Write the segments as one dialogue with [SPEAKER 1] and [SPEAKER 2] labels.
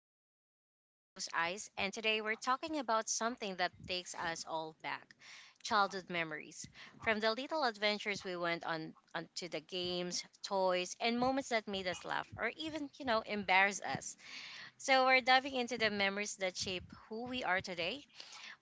[SPEAKER 1] Ice Things. I'm your host, Ice, and today we're talking about something that takes us all back childhood memories. From the little adventures we went on to the games, toys, and moments that made us laugh or even, embarrass us. So, we're diving into the memories that shape who we are today,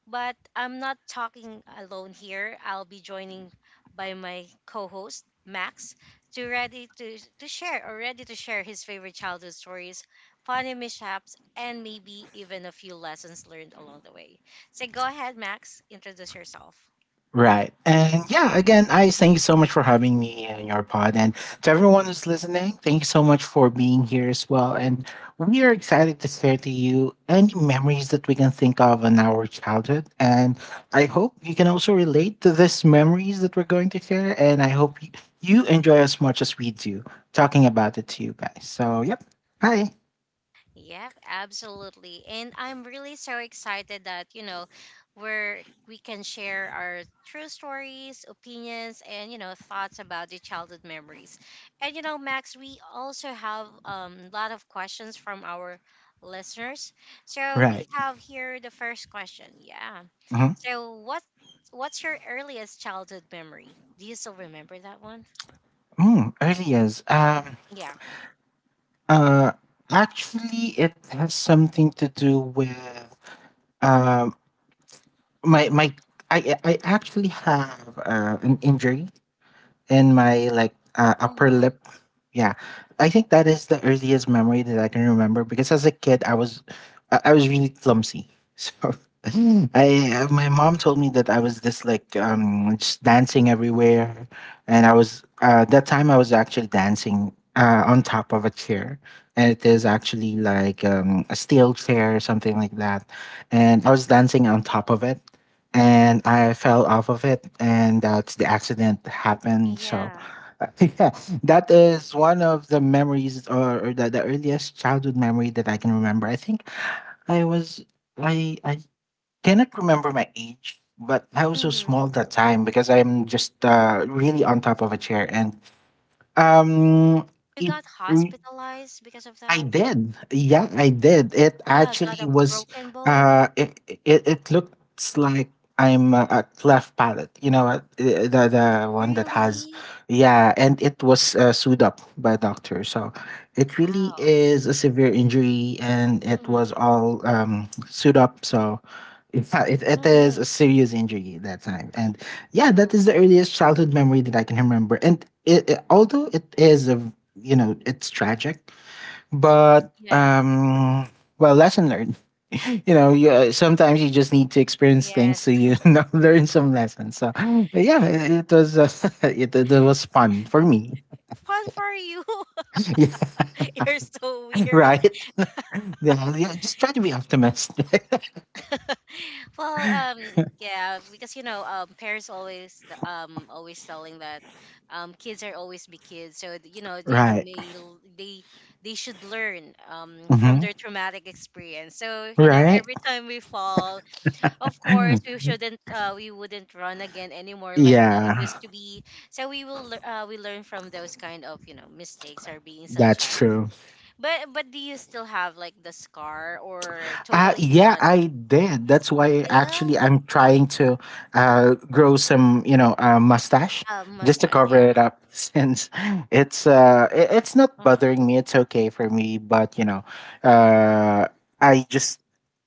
[SPEAKER 1] but I'm not talking alone here. I'll be joining by my co-host Max to ready to share or ready to share his favorite childhood stories, funny mishaps, and maybe even a few lessons learned along the way. So go ahead, Max, introduce yourself.
[SPEAKER 2] Right. And yeah, again, I thank you so much for having me in your pod. And to everyone who's listening, thank you so much for being here as well. And we are excited to share to you any memories that we can think of in our childhood. And I hope you can also relate to these memories that we're going to share. And I hope you enjoy as much as we do talking about it to you guys. So, yep. Hi.
[SPEAKER 1] Yeah, absolutely. And I'm really so excited that, we're we can share our true stories, opinions, and thoughts about the childhood memories. And you know, Max, we also have a lot of questions from our listeners. So we
[SPEAKER 2] Right.
[SPEAKER 1] have here the first question. Yeah.
[SPEAKER 2] Mm-hmm.
[SPEAKER 1] So what's your earliest childhood memory? Do you still remember that one?
[SPEAKER 2] Early years.
[SPEAKER 1] Yeah.
[SPEAKER 2] Uh, Actually, it has something to do with Um, my I actually have an injury and my like upper
[SPEAKER 1] Uh-huh.
[SPEAKER 2] lip. Yeah, I think that is the earliest memory that I can remember because as a kid I was really clumsy. So I my mom told me that I was this just dancing everywhere, and I was that time I was actually dancing on top of a chair, and it is actually a steel chair or something like that, and I was dancing on top of it and I fell off of it, and that's the accident happened. So,
[SPEAKER 1] Yeah.
[SPEAKER 2] yeah, that is one of the memories, or the earliest childhood memory that I can remember. I think I was I cannot remember my age, but I was so small
[SPEAKER 1] Mm-hmm.
[SPEAKER 2] that time because I'm just really on top of a chair, and um,
[SPEAKER 1] You
[SPEAKER 2] it.
[SPEAKER 1] got hospitalized because of
[SPEAKER 2] I
[SPEAKER 1] that?
[SPEAKER 2] did. Yeah, I did. It
[SPEAKER 1] Yeah, got
[SPEAKER 2] actually
[SPEAKER 1] a
[SPEAKER 2] was.
[SPEAKER 1] broken bone.
[SPEAKER 2] Uh, it it looks like I'm a cleft palate. You know, what, the one that has,
[SPEAKER 1] Really?
[SPEAKER 2] yeah, and it was sewed up by a doctor. So it really
[SPEAKER 1] Ouch.
[SPEAKER 2] is a severe injury, and it was
[SPEAKER 1] Mm.
[SPEAKER 2] all sewed up. So. Yeah, it is
[SPEAKER 1] Mm-hmm.
[SPEAKER 2] a serious injury at that time. And yeah, that
[SPEAKER 1] Oh,
[SPEAKER 2] is the earliest childhood memory that I can remember. And although it is you know, it's tragic, but
[SPEAKER 1] yeah.
[SPEAKER 2] well, lesson learned. You know, sometimes you just need to experience things
[SPEAKER 1] Yes.
[SPEAKER 2] so you know, learn some lessons. So yeah, it was it was fun for me.
[SPEAKER 1] Fun for you.
[SPEAKER 2] Yeah,
[SPEAKER 1] You're so weird.
[SPEAKER 2] right. Yeah, yeah, just try to be optimistic.
[SPEAKER 1] Well, yeah, because you know, parents always, always telling that, kids are always be kids. So you know, they
[SPEAKER 2] Right.
[SPEAKER 1] may l- they should learn, from
[SPEAKER 2] hmm
[SPEAKER 1] their traumatic experience. So you know,
[SPEAKER 2] Right.
[SPEAKER 1] every time we fall, of course we shouldn't we wouldn't run again anymore like that
[SPEAKER 2] Yeah,
[SPEAKER 1] used to be, so we learn from those kind of you know mistakes or being so
[SPEAKER 2] that's
[SPEAKER 1] child,
[SPEAKER 2] true.
[SPEAKER 1] but do you still have like the scar or totally it's
[SPEAKER 2] Yeah,
[SPEAKER 1] not,
[SPEAKER 2] I did.
[SPEAKER 1] it's
[SPEAKER 2] That's why
[SPEAKER 1] still
[SPEAKER 2] actually I'm trying to grow some, you know, mustache
[SPEAKER 1] a
[SPEAKER 2] just to
[SPEAKER 1] mustache,
[SPEAKER 2] cover
[SPEAKER 1] yeah.
[SPEAKER 2] it up since it's not bothering me. It's okay for me, but you know, uh, I just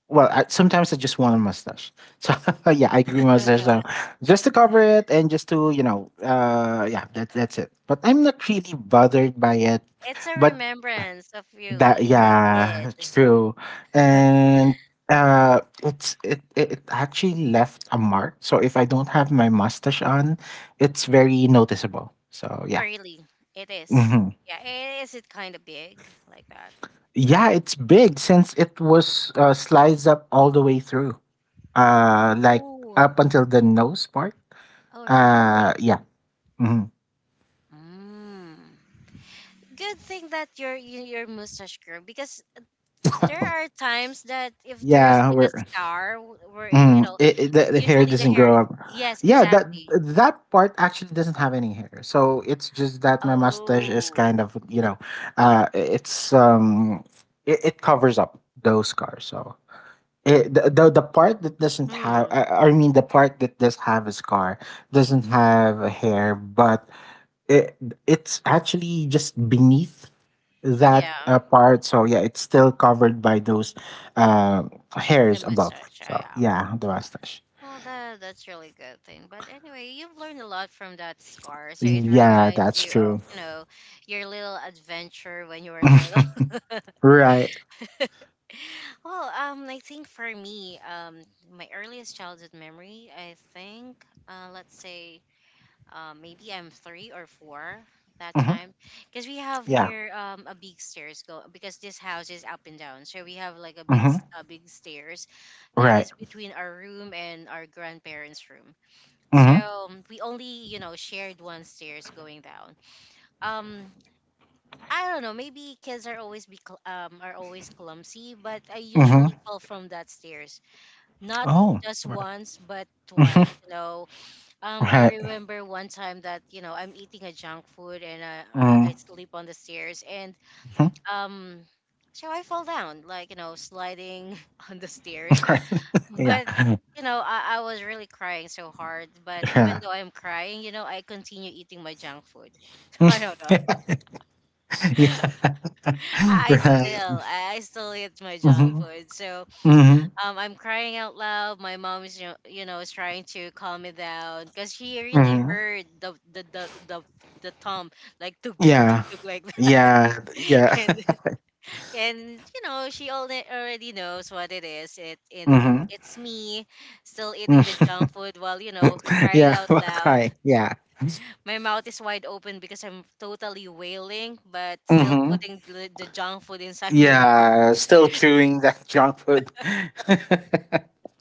[SPEAKER 2] well I, sometimes I just want a mustache. So yeah, I grew mustache
[SPEAKER 1] Uh-huh.
[SPEAKER 2] so just to cover it and just to you know, yeah, that's it. But I'm not really bothered by it.
[SPEAKER 1] It's a
[SPEAKER 2] But
[SPEAKER 1] remembrance of you
[SPEAKER 2] that
[SPEAKER 1] being a kid.
[SPEAKER 2] yeah, true. And it's it it it actually left a mark. So if I don't have my mustache on, it's very noticeable. So yeah.
[SPEAKER 1] Really? It is.
[SPEAKER 2] hmm
[SPEAKER 1] Yeah, is it kind of big like that?
[SPEAKER 2] Yeah, it's big since it was sliced up all the way through. Like
[SPEAKER 1] Oh.
[SPEAKER 2] up until the nose part.
[SPEAKER 1] Oh really?
[SPEAKER 2] Yeah. hmm
[SPEAKER 1] Mm. Good thing that your mustache grew because there are times that if there is
[SPEAKER 2] Yeah,
[SPEAKER 1] like a
[SPEAKER 2] we're
[SPEAKER 1] scar wherein you
[SPEAKER 2] Mm,
[SPEAKER 1] know
[SPEAKER 2] the hair
[SPEAKER 1] usually the
[SPEAKER 2] doesn't
[SPEAKER 1] hair,
[SPEAKER 2] grow up.
[SPEAKER 1] yes
[SPEAKER 2] Yeah, that
[SPEAKER 1] exactly.
[SPEAKER 2] that part actually doesn't have any hair. So it's just that my mustache is kind
[SPEAKER 1] Oh.
[SPEAKER 2] of, you know, uh, it's um, it, it covers up those scars. So it, the part that doesn't have,
[SPEAKER 1] Hmm.
[SPEAKER 2] I mean, the part that does have a scar doesn't have a hair, but it it's actually just beneath
[SPEAKER 1] Yeah,
[SPEAKER 2] that part. So yeah, it's still covered by those uh,
[SPEAKER 1] the
[SPEAKER 2] hairs above.
[SPEAKER 1] mustache, yeah,
[SPEAKER 2] So
[SPEAKER 1] yeah.
[SPEAKER 2] yeah, the mustache.
[SPEAKER 1] Well that that's really good thing but anyway you've learned a lot from that scar so it really
[SPEAKER 2] Yeah,
[SPEAKER 1] reminds
[SPEAKER 2] that's
[SPEAKER 1] you of
[SPEAKER 2] true.
[SPEAKER 1] you know your little adventure when you were little.
[SPEAKER 2] right.
[SPEAKER 1] Well, I think for me, my earliest childhood memory, I think, let's say, maybe I'm three or four that
[SPEAKER 2] hmm
[SPEAKER 1] time, because we have
[SPEAKER 2] Yeah.
[SPEAKER 1] here a big stairs go because this house is up and down, so we have like a
[SPEAKER 2] hmm
[SPEAKER 1] a big stairs that
[SPEAKER 2] Right.
[SPEAKER 1] is between our room and our grandparents' room. So
[SPEAKER 2] hmm
[SPEAKER 1] we only, you know, shared one stairs going down. Um, I don't know. Maybe kids are always be are always clumsy, but I
[SPEAKER 2] hmm
[SPEAKER 1] usually fall from that stairs. Not
[SPEAKER 2] Oh.
[SPEAKER 1] just
[SPEAKER 2] Right.
[SPEAKER 1] once, but
[SPEAKER 2] hmm
[SPEAKER 1] twice. You know, I
[SPEAKER 2] Right.
[SPEAKER 1] remember one time that you know I'm eating a junk food and I
[SPEAKER 2] hmm
[SPEAKER 1] sleep on the stairs and um, so I fall down like you know sliding on the stairs.
[SPEAKER 2] Right. Yeah.
[SPEAKER 1] But you know I was really crying so hard. But even
[SPEAKER 2] Yeah.
[SPEAKER 1] though I'm crying, you know I continue eating my junk food. So I don't know.
[SPEAKER 2] yeah.
[SPEAKER 1] I
[SPEAKER 2] right.
[SPEAKER 1] still, I still eat my junk
[SPEAKER 2] hmm
[SPEAKER 1] food. So,
[SPEAKER 2] hmm
[SPEAKER 1] I'm crying out loud. My mom is, is trying to calm me down because she really
[SPEAKER 2] hmm
[SPEAKER 1] heard the thump, like tuk tuk tuk
[SPEAKER 2] Yeah.
[SPEAKER 1] tuk like that,
[SPEAKER 2] Yeah. Yeah.
[SPEAKER 1] and and you know she already knows what it is. It and
[SPEAKER 2] hmm
[SPEAKER 1] it's me still eating the junk food while you know crying
[SPEAKER 2] Yeah.
[SPEAKER 1] out loud.
[SPEAKER 2] Okay. Yeah.
[SPEAKER 1] My mouth is wide open because I'm totally wailing, but still
[SPEAKER 2] hmm
[SPEAKER 1] putting the junk food inside my mouth.
[SPEAKER 2] Yeah. Still chewing that junk food.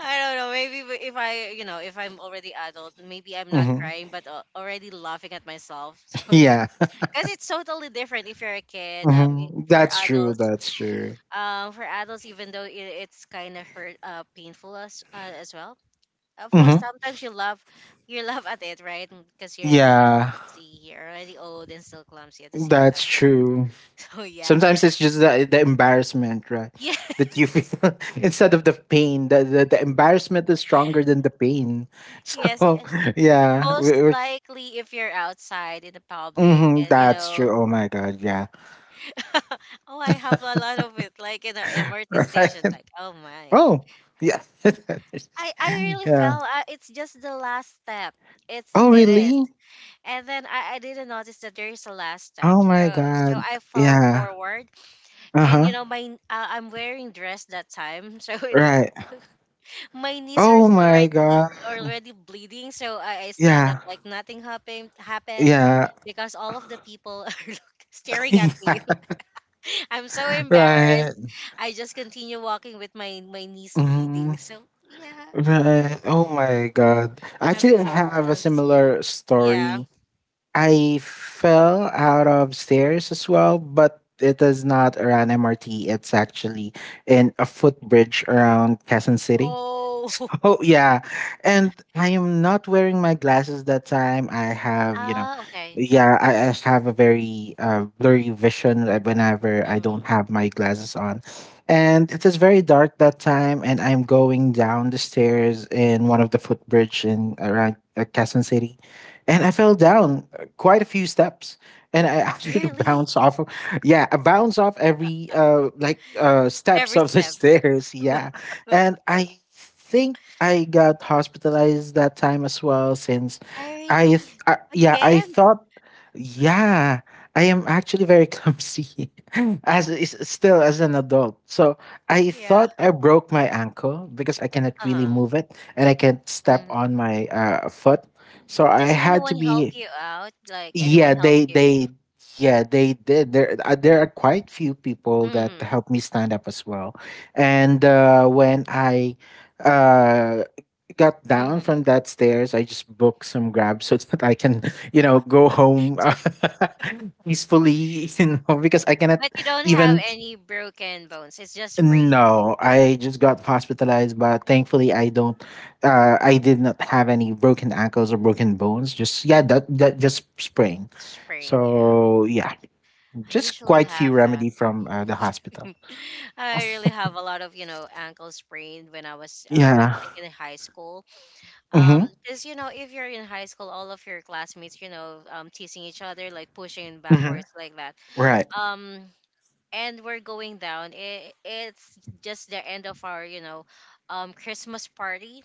[SPEAKER 1] I don't know. Maybe if I, you know, if I'm already adult, maybe I'm not
[SPEAKER 2] hmm
[SPEAKER 1] crying, but already laughing at myself. So yeah,
[SPEAKER 2] Yeah.
[SPEAKER 1] because it's totally different if you're a kid.
[SPEAKER 2] Mhm. That's true. That's true.
[SPEAKER 1] For adults, even though it's kind of hurt, painful as well. Of course,
[SPEAKER 2] Hmm
[SPEAKER 1] sometimes you love at it, right? Because you're a little
[SPEAKER 2] Yeah,
[SPEAKER 1] clumsy, you're already old and still clumsy at the same
[SPEAKER 2] that's
[SPEAKER 1] time.
[SPEAKER 2] true.
[SPEAKER 1] So yeah,
[SPEAKER 2] Sometimes it's just the embarrassment, right?
[SPEAKER 1] yeah,
[SPEAKER 2] That you feel instead of the pain, the embarrassment is stronger than the pain.
[SPEAKER 1] yes.
[SPEAKER 2] So, yeah,
[SPEAKER 1] Most
[SPEAKER 2] we're,
[SPEAKER 1] likely, if you're outside in the public
[SPEAKER 2] mhm,
[SPEAKER 1] and you
[SPEAKER 2] that's
[SPEAKER 1] know.
[SPEAKER 2] true. Oh my God. Yeah.
[SPEAKER 1] Oh, I have a lot of it, like in the MRT
[SPEAKER 2] Right.
[SPEAKER 1] station. Like, oh my,
[SPEAKER 2] Oh, yeah.
[SPEAKER 1] I really
[SPEAKER 2] yeah.
[SPEAKER 1] fell. I, it's just the last step. It's
[SPEAKER 2] Oh,
[SPEAKER 1] it is,
[SPEAKER 2] really?
[SPEAKER 1] and then I didn't notice that there is a last step.
[SPEAKER 2] Oh
[SPEAKER 1] So
[SPEAKER 2] my
[SPEAKER 1] so
[SPEAKER 2] God.
[SPEAKER 1] I fell
[SPEAKER 2] Yeah.
[SPEAKER 1] forward,
[SPEAKER 2] Uh
[SPEAKER 1] and
[SPEAKER 2] huh.
[SPEAKER 1] you know I'm wearing dress that time, so it's
[SPEAKER 2] Right.
[SPEAKER 1] my knees are
[SPEAKER 2] Oh
[SPEAKER 1] so
[SPEAKER 2] my God.
[SPEAKER 1] already bleeding. So I stand up
[SPEAKER 2] Yeah.
[SPEAKER 1] like nothing happened,
[SPEAKER 2] Yeah.
[SPEAKER 1] because all of the people are staring at
[SPEAKER 2] Yeah,
[SPEAKER 1] me. I'm so embarrassed.
[SPEAKER 2] right.
[SPEAKER 1] I just continue walking with my knees bleeding.
[SPEAKER 2] Mhm.
[SPEAKER 1] So yeah,
[SPEAKER 2] Right. Oh
[SPEAKER 1] I-
[SPEAKER 2] my God.
[SPEAKER 1] I'm
[SPEAKER 2] Actually, I
[SPEAKER 1] so
[SPEAKER 2] have a
[SPEAKER 1] clumsy.
[SPEAKER 2] similar
[SPEAKER 1] Yeah.
[SPEAKER 2] story. I fell out of stairs as well, but it is not around MRT. It's actually in a footbridge around Quezon City.
[SPEAKER 1] Oh.
[SPEAKER 2] So yeah, and I am not wearing my glasses that time. I have, you know,
[SPEAKER 1] Ah, okay.
[SPEAKER 2] yeah, I have a very blurry vision whenever I
[SPEAKER 1] Hmm.
[SPEAKER 2] don't have my glasses on, and it is very dark that time. And I'm going down the stairs in one of the footbridge in around Quezon City, and I fell down quite a few steps and I actually
[SPEAKER 1] Really?
[SPEAKER 2] bounce off of, yeah I bounce off every
[SPEAKER 1] Every
[SPEAKER 2] steps of
[SPEAKER 1] step.
[SPEAKER 2] the stairs yeah and I think I got hospitalized that time as well since
[SPEAKER 1] I really,
[SPEAKER 2] I, th- I yeah
[SPEAKER 1] again.
[SPEAKER 2] I thought yeah I am actually very clumsy as is still as an adult so I
[SPEAKER 1] Yeah.
[SPEAKER 2] thought I broke my ankle because I cannot really
[SPEAKER 1] Um.
[SPEAKER 2] move it and I can't step
[SPEAKER 1] Mhm.
[SPEAKER 2] on my foot so I
[SPEAKER 1] Does
[SPEAKER 2] had to
[SPEAKER 1] anyone help
[SPEAKER 2] be
[SPEAKER 1] you out? Like anyone
[SPEAKER 2] yeah
[SPEAKER 1] help
[SPEAKER 2] they
[SPEAKER 1] you?
[SPEAKER 2] they yeah they did there are quite few people that
[SPEAKER 1] Mm-hmm.
[SPEAKER 2] helped me stand up as well and when I uh got down from
[SPEAKER 1] Mm-hmm.
[SPEAKER 2] that stairs I just booked some grabs so that I can you know go home
[SPEAKER 1] So,
[SPEAKER 2] peacefully you know because I cannot
[SPEAKER 1] but you don't have
[SPEAKER 2] even
[SPEAKER 1] any broken bones. It's just sprain.
[SPEAKER 2] no, I just got hospitalized, but thankfully I don't. I did not have any broken ankles or broken bones. Just yeah, that that just sprain.
[SPEAKER 1] Sprain. Yeah.
[SPEAKER 2] So yeah,
[SPEAKER 1] I
[SPEAKER 2] just
[SPEAKER 1] usually
[SPEAKER 2] quite few
[SPEAKER 1] have that.
[SPEAKER 2] remedy from the hospital.
[SPEAKER 1] I really have a lot of, you know, ankle sprained when I was, I
[SPEAKER 2] Yeah.
[SPEAKER 1] think in high school.
[SPEAKER 2] Mhm.
[SPEAKER 1] Because, you know, if you're in high school, all of your classmates, you know, teasing each other, like pushing
[SPEAKER 2] Mhm.
[SPEAKER 1] backwards like that.
[SPEAKER 2] Right.
[SPEAKER 1] Um, and we're going down. It's just the end of our, you know, Christmas party.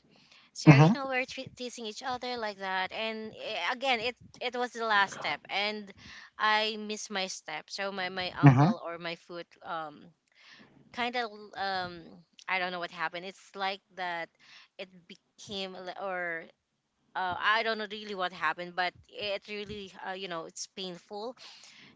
[SPEAKER 1] So, you
[SPEAKER 2] Mhm.
[SPEAKER 1] know, we're teasing each other like that. And again, it was the last step. And I missed my step. So my
[SPEAKER 2] Mhm.
[SPEAKER 1] uncle or my foot, kind of, um, I don't know what happened. It's like that it became li- or I don't know really what happened, but it really you know it's painful.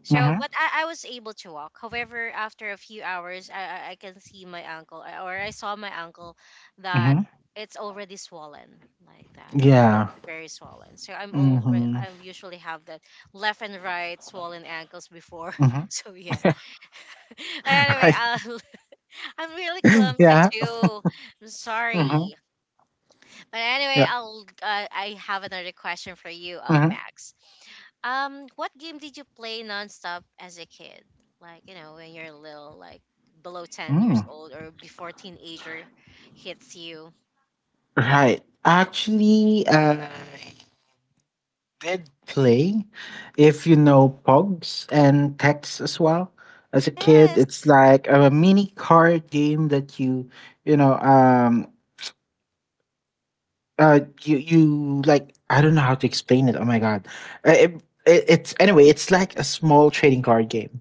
[SPEAKER 1] So,
[SPEAKER 2] Mhm.
[SPEAKER 1] but I was able to walk. However, after a few hours, I can see my ankle or I saw my ankle that
[SPEAKER 2] Mhm.
[SPEAKER 1] it's already swollen like that.
[SPEAKER 2] Yeah.
[SPEAKER 1] It's very swollen. So I'm all
[SPEAKER 2] Mhm.
[SPEAKER 1] I usually have that left and right swollen ankles before.
[SPEAKER 2] Mhm.
[SPEAKER 1] So yeah. But anyway,
[SPEAKER 2] Right.
[SPEAKER 1] I'm really clumsy
[SPEAKER 2] Yeah.
[SPEAKER 1] too. I'm
[SPEAKER 2] Mhm.
[SPEAKER 1] sorry. But anyway,
[SPEAKER 2] Yeah.
[SPEAKER 1] I have another question for you,
[SPEAKER 2] Mhm.
[SPEAKER 1] Max. What game did you play nonstop as a kid? Like, you know, when you're little, like below 10
[SPEAKER 2] Mm.
[SPEAKER 1] years old or before teenager hits you.
[SPEAKER 2] Right. Actually, did play if you know pogs and Tex as well as a kid.
[SPEAKER 1] Yes.
[SPEAKER 2] It's like a mini card game that you know you you like I don't know how to explain it oh my god. Uh, it, it's anyway it's like a small trading card game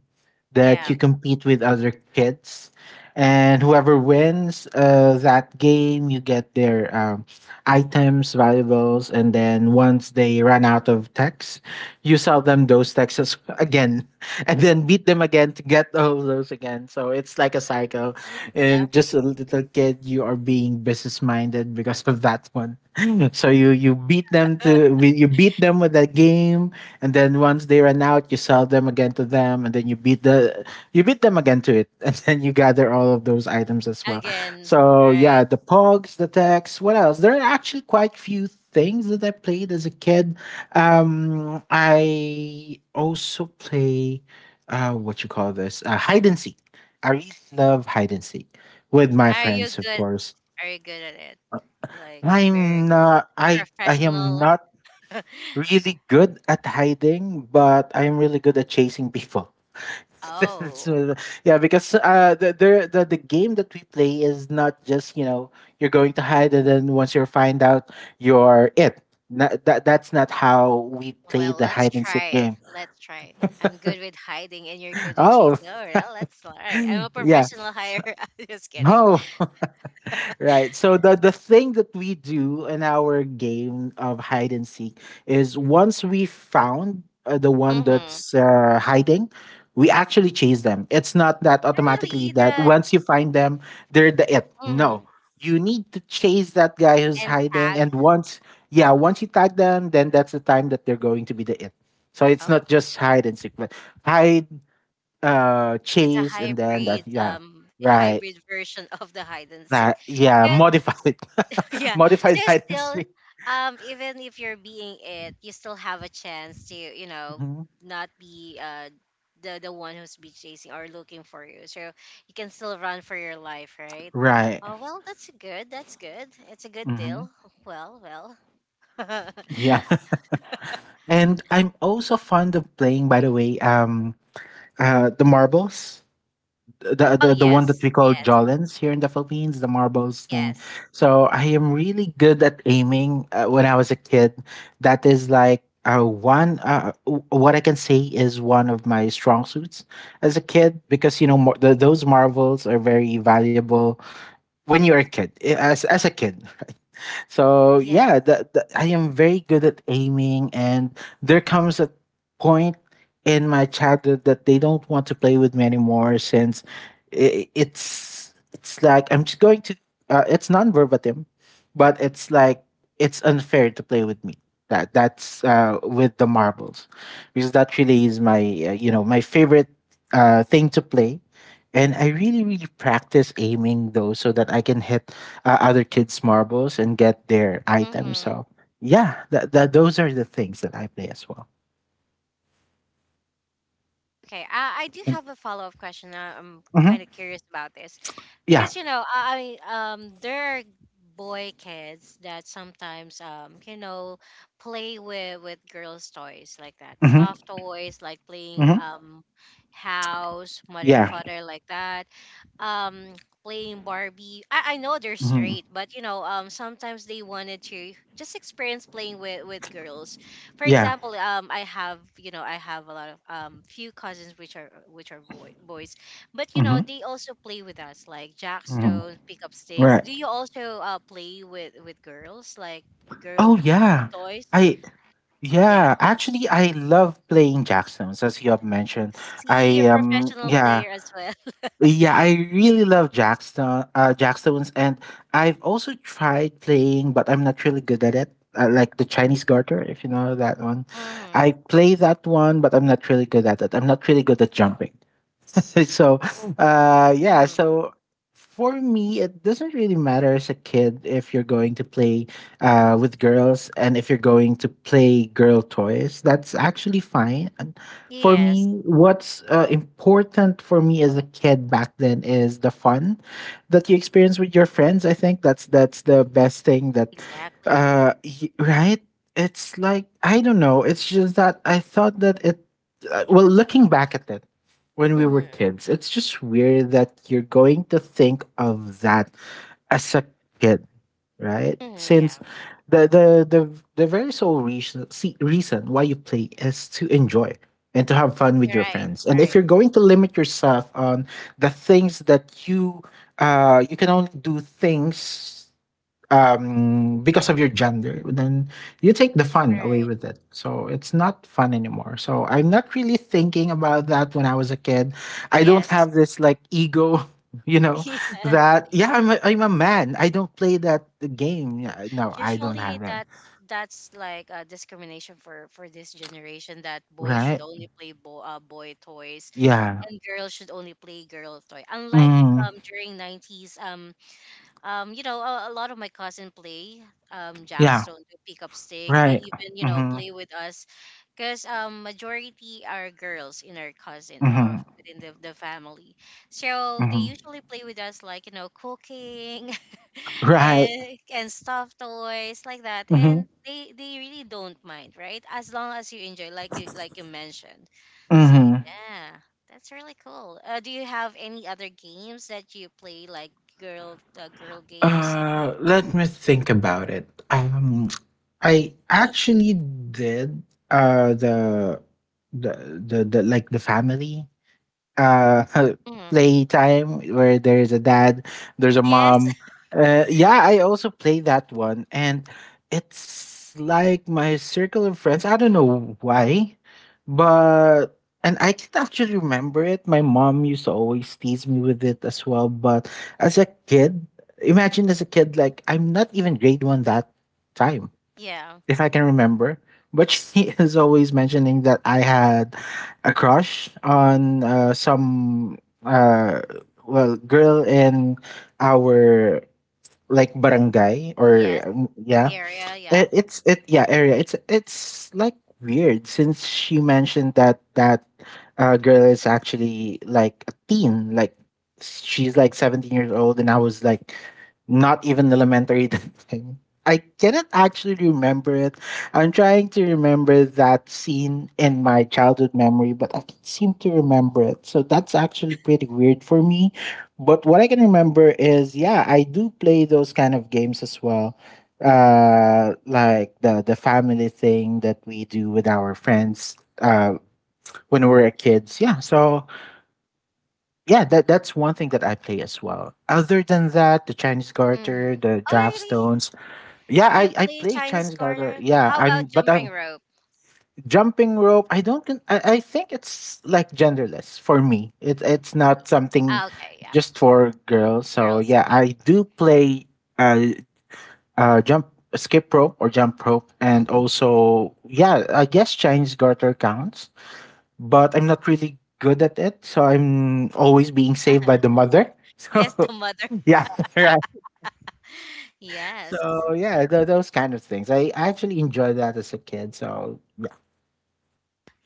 [SPEAKER 1] Yeah.
[SPEAKER 2] that you compete with other kids and whoever wins that game you get their items valuables, and then once they run out of texts, you sell them those texts as- again and then beat them again to get all those again so it's like a cycle
[SPEAKER 1] Yeah.
[SPEAKER 2] and just a little kid, you are being business minded because of that one. So you beat them with that game, and then once they run out, you sell them again to them, and then you beat them again to it, and then you gather all of those items as well.
[SPEAKER 1] Again,
[SPEAKER 2] So
[SPEAKER 1] right?
[SPEAKER 2] yeah, the pogs, the techs, what else? There are actually quite few things that I played as a kid. I also play what you call this hide and seek. I really love hide and seek with my
[SPEAKER 1] Are you
[SPEAKER 2] friends, of
[SPEAKER 1] good?
[SPEAKER 2] course.
[SPEAKER 1] Are you good at it? Like very
[SPEAKER 2] I'm
[SPEAKER 1] good.
[SPEAKER 2] not I I am
[SPEAKER 1] Professional.
[SPEAKER 2] not really good at hiding, but I am really good at chasing people.
[SPEAKER 1] Oh.
[SPEAKER 2] So, yeah, because the game that we play is not just you know you're going to hide and then once you find out you're it. That that's not how we play
[SPEAKER 1] Well,
[SPEAKER 2] the
[SPEAKER 1] let's
[SPEAKER 2] hide and seek
[SPEAKER 1] try.
[SPEAKER 2] game.
[SPEAKER 1] Let's try. I'm good with hiding and you're good with
[SPEAKER 2] Oh,
[SPEAKER 1] chasing. Oh, well, let's try. I'm a
[SPEAKER 2] yeah.
[SPEAKER 1] professional hire. I'm just kidding.
[SPEAKER 2] Oh, Right. So the thing that we do in our game of hide and seek is once we found the one
[SPEAKER 1] Mm-hmm.
[SPEAKER 2] that's hiding, we actually chase them. It's not that automatically
[SPEAKER 1] Really,
[SPEAKER 2] that
[SPEAKER 1] the
[SPEAKER 2] once you find them, they're the it. No.
[SPEAKER 1] mhm.
[SPEAKER 2] You need to chase that guy who's
[SPEAKER 1] And
[SPEAKER 2] hiding
[SPEAKER 1] tag.
[SPEAKER 2] and once yeah, once you tag them, then that's the time that they're going to be the it. So it's not
[SPEAKER 1] Oh,
[SPEAKER 2] just hide and seek, but hide
[SPEAKER 1] it's a
[SPEAKER 2] chase and then that
[SPEAKER 1] hybrid,
[SPEAKER 2] yeah. Right.
[SPEAKER 1] hybrid version of the hide and seek.
[SPEAKER 2] That yeah,
[SPEAKER 1] So
[SPEAKER 2] modified
[SPEAKER 1] yeah,
[SPEAKER 2] modified
[SPEAKER 1] so
[SPEAKER 2] hide and
[SPEAKER 1] still
[SPEAKER 2] seek.
[SPEAKER 1] even if you're being it you still have a chance to you know
[SPEAKER 2] Mhm.
[SPEAKER 1] not be the one who's be chasing or looking for you, so you can still run for your life, right?
[SPEAKER 2] Right.
[SPEAKER 1] Oh well, that's good, that's good, it's a good
[SPEAKER 2] hmm
[SPEAKER 1] deal. Well, well.
[SPEAKER 2] Yeah, and I'm also fond of playing. By the way, the marbles,
[SPEAKER 1] Oh,
[SPEAKER 2] the
[SPEAKER 1] yes,
[SPEAKER 2] one that we
[SPEAKER 1] yes,
[SPEAKER 2] call Jolens here in the Philippines, the marbles
[SPEAKER 1] yes,
[SPEAKER 2] thing. So I am really good at aiming. When I was a kid, that is like. What I can say is one of my strong suits as a kid because you know those marbles are very valuable when you are a kid, eh, as a kid, so
[SPEAKER 1] yes.
[SPEAKER 2] yeah, I am very good at aiming, and there comes a point in my childhood that they don't want to play with me anymore since I it's like I'm just going to. It's non-verbatim, but it's like it's unfair to play with me. That's with the marbles, because that really is my favorite thing to play, and I really, really practice aiming though, so that I can hit other kids' marbles and get their items.
[SPEAKER 1] Hmm.
[SPEAKER 2] So yeah, that, that those are the things that I play as well.
[SPEAKER 1] Okay, I do
[SPEAKER 2] And,
[SPEAKER 1] have a follow up question. I'm
[SPEAKER 2] mhm.
[SPEAKER 1] kind of curious about this
[SPEAKER 2] Yeah.
[SPEAKER 1] because you know, I there are boy kids that sometimes you know play with girls' toys like that,
[SPEAKER 2] Hmm.
[SPEAKER 1] stuffed toys like playing
[SPEAKER 2] Hmm.
[SPEAKER 1] house, mother
[SPEAKER 2] Yeah.
[SPEAKER 1] father like that, um playing Barbie. I know they're
[SPEAKER 2] Hmm.
[SPEAKER 1] straight, but you know sometimes they wanted to just experience playing with girls. For
[SPEAKER 2] Yeah.
[SPEAKER 1] example, um, I have a lot of few cousins which are boys, but you know
[SPEAKER 2] Hmm.
[SPEAKER 1] they also play with us like jack
[SPEAKER 2] Hmm.
[SPEAKER 1] stones, pick up sticks.
[SPEAKER 2] Right.
[SPEAKER 1] Do you also play with girls like girl
[SPEAKER 2] Oh yeah.
[SPEAKER 1] toys?
[SPEAKER 2] I
[SPEAKER 1] Yeah,
[SPEAKER 2] Yeah. Actually, I love playing jackstones, as you have mentioned.
[SPEAKER 1] see a
[SPEAKER 2] I
[SPEAKER 1] professional
[SPEAKER 2] Yeah.
[SPEAKER 1] player as well.
[SPEAKER 2] Yeah, I really love Jackstones, and I've also tried playing, but I'm not really good at it. Like the Chinese garter, if you know that one.
[SPEAKER 1] Mm-hmm.
[SPEAKER 2] I play that one, but I'm not really good at it. I'm not really good at jumping. so uh yeah
[SPEAKER 1] Mm-hmm.
[SPEAKER 2] so for me it doesn't really matter as a kid if you're going to play with girls, and if you're going to play girl toys, that's actually fine. And for
[SPEAKER 1] Yes,
[SPEAKER 2] me, what's important for me as a kid back then is the fun that you experience with your friends. I think that's the best thing that.
[SPEAKER 1] exactly.
[SPEAKER 2] Right. It's like, I don't know, it's just that I thought that it well, looking back at it, when we were
[SPEAKER 1] Mm-hmm.
[SPEAKER 2] kids, it's just weird that you're going to think of that as a kid, right?
[SPEAKER 1] Mm-hmm.
[SPEAKER 2] Since
[SPEAKER 1] Yeah,
[SPEAKER 2] the the the, the very sole reason why you play is to enjoy and to have fun with your
[SPEAKER 1] right,
[SPEAKER 2] friends. And if
[SPEAKER 1] right,
[SPEAKER 2] you're going to limit yourself on the things that you can only do things, because of your gender, then you take the fun away
[SPEAKER 1] right,
[SPEAKER 2] with it. So it's not fun anymore. So I'm not really thinking about that when I was a kid. I don't
[SPEAKER 1] yes.
[SPEAKER 2] have this like ego, you know,
[SPEAKER 1] Yeah.
[SPEAKER 2] that, yeah, I'm a man. I don't play that game. Yeah. No, I don't
[SPEAKER 1] Usually
[SPEAKER 2] have that.
[SPEAKER 1] that's like a discrimination for this generation that boys should
[SPEAKER 2] Right?
[SPEAKER 1] only play boy toys
[SPEAKER 2] Yeah.
[SPEAKER 1] and girls should only play girl toy. Unlike
[SPEAKER 2] Mm,
[SPEAKER 1] during 90s um, you know, a lot of my cousin play
[SPEAKER 2] yeah.
[SPEAKER 1] jackstone to pick up sticks. They
[SPEAKER 2] Right.
[SPEAKER 1] even, you know,
[SPEAKER 2] Mm-hmm.
[SPEAKER 1] play with us because majority are girls in our cousin or
[SPEAKER 2] Mm-hmm.
[SPEAKER 1] within the family. So they
[SPEAKER 2] Mm-hmm.
[SPEAKER 1] usually play with us like, you know, cooking
[SPEAKER 2] Right.
[SPEAKER 1] and stuff toys like that.
[SPEAKER 2] Mm-hmm.
[SPEAKER 1] And they really don't mind, right? As long as you enjoy, like you mentioned. So
[SPEAKER 2] Mm-hmm.
[SPEAKER 1] yeah, that's really cool. Do you have any other games that you play like girl games.
[SPEAKER 2] Let me think about it. I actually did uh the the the like the family uh
[SPEAKER 1] Mm.
[SPEAKER 2] playtime where there's a dad, there's a
[SPEAKER 1] Yes.
[SPEAKER 2] mom. Yeah, I also play that one, and it's like my circle of friends. I don't know why, but and I can actually remember it. My mom used to always tease me with it as well. But as a kid, imagine as a kid, like, I'm not even grade one that time,
[SPEAKER 1] Yeah.
[SPEAKER 2] if I can remember. But she is always mentioning that I had a crush on some, uh, well, girl in our like barangay, or
[SPEAKER 1] Yes,
[SPEAKER 2] yeah
[SPEAKER 1] area, yeah.
[SPEAKER 2] it, it's it yeah area. It's like weird, since she mentioned that girl is actually like a teen. Like, she's like 17 years old, and I was like not even elementary that time. I cannot actually remember it. I'm trying to remember that scene in my childhood memory, but I can't seem to remember it. So that's actually pretty weird for me. But what I can remember is, yeah, I do play those kind of games as well. Like the family thing that we do with our friends uh when we're kids. Yeah. So yeah, that's one thing that I play as well, other than that, the Chinese garter,
[SPEAKER 1] Mm-hmm.
[SPEAKER 2] the
[SPEAKER 1] Oh
[SPEAKER 2] draft
[SPEAKER 1] really?
[SPEAKER 2] stones. Yeah,
[SPEAKER 1] You
[SPEAKER 2] I
[SPEAKER 1] play
[SPEAKER 2] play
[SPEAKER 1] Chinese
[SPEAKER 2] Chinese garter.
[SPEAKER 1] garter?
[SPEAKER 2] Yeah,
[SPEAKER 1] How
[SPEAKER 2] I'm
[SPEAKER 1] about
[SPEAKER 2] but
[SPEAKER 1] jumping
[SPEAKER 2] I'm
[SPEAKER 1] rope?
[SPEAKER 2] jumping rope I don't con- I think it's like genderless for me. It's not something
[SPEAKER 1] Ah, okay, yeah,
[SPEAKER 2] just for girls. So
[SPEAKER 1] girls.
[SPEAKER 2] yeah,
[SPEAKER 1] Okay.
[SPEAKER 2] I do play uh jump skip rope or jump rope, and
[SPEAKER 1] Mm.
[SPEAKER 2] also yeah, I guess Chinese garter counts, but I'm not really good at it, so I'm always being saved by the mother. So
[SPEAKER 1] Yes, the mother.
[SPEAKER 2] yeah, right.
[SPEAKER 1] Yes.
[SPEAKER 2] So yeah, those kind of things. I actually enjoyed that as a kid. So yeah.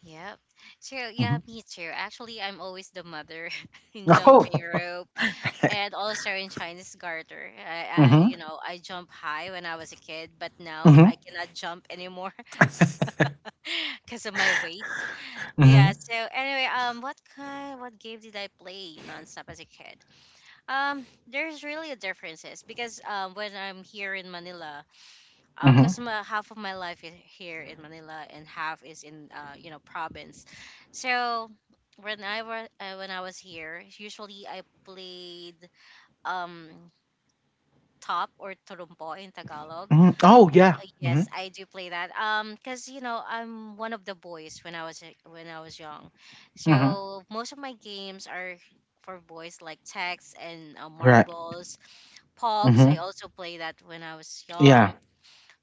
[SPEAKER 1] Yep. True. Yeah,
[SPEAKER 2] Hmm.
[SPEAKER 1] me too. Actually, I'm always the mother in jumping
[SPEAKER 2] Oh.
[SPEAKER 1] rope and also in Chinese garter.
[SPEAKER 2] Hmm.
[SPEAKER 1] I jump high when I was a kid, but now
[SPEAKER 2] Hmm.
[SPEAKER 1] I cannot jump anymore because of my weight. Yeah,
[SPEAKER 2] Hmm.
[SPEAKER 1] so anyway, what kind what game did I play nonstop as a kid? There's really a differences because when I'm here in Manila,
[SPEAKER 2] Hmm.
[SPEAKER 1] because half of my life is here in Manila and half is in province. So when I was here, usually I played um top or trompo in Tagalog.
[SPEAKER 2] Hmm. Oh yeah. Hmm.
[SPEAKER 1] Yes, I do play that. Cause you know I'm one of the boys when when I was young,
[SPEAKER 2] Hmm.
[SPEAKER 1] so most of my games are for boys like text and
[SPEAKER 2] Right.
[SPEAKER 1] marbles, pogs. I
[SPEAKER 2] Hmm.
[SPEAKER 1] also play that when I was
[SPEAKER 2] Yeah.
[SPEAKER 1] young.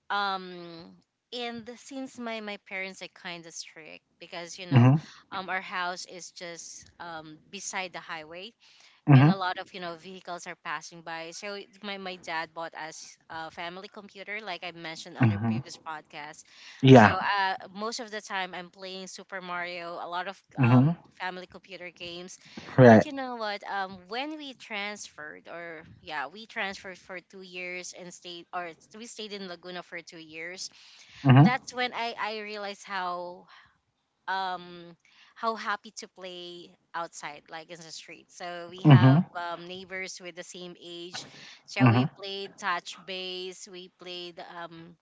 [SPEAKER 1] Um, and since my parents are kind of strict because you know,
[SPEAKER 2] Hmm.
[SPEAKER 1] our house is just beside the highway, and
[SPEAKER 2] Hmm.
[SPEAKER 1] a lot of you know vehicles are passing by so my dad bought us a family computer like I mentioned on the
[SPEAKER 2] Hmm.
[SPEAKER 1] previous podcast. So
[SPEAKER 2] Yeah.
[SPEAKER 1] most of the time I'm playing Super Mario, a lot of
[SPEAKER 2] Hmm.
[SPEAKER 1] family computer games.
[SPEAKER 2] Right.
[SPEAKER 1] But you know what, when we transferred or yeah, we transferred for 2 years and stayed or we stayed in Laguna for 2 years.
[SPEAKER 2] Hmm.
[SPEAKER 1] That's when I realized um how happy to play outside like in the street. So we have
[SPEAKER 2] Hmm.
[SPEAKER 1] neighbors with the same age. So
[SPEAKER 2] Mhm.
[SPEAKER 1] we played touch base, we played um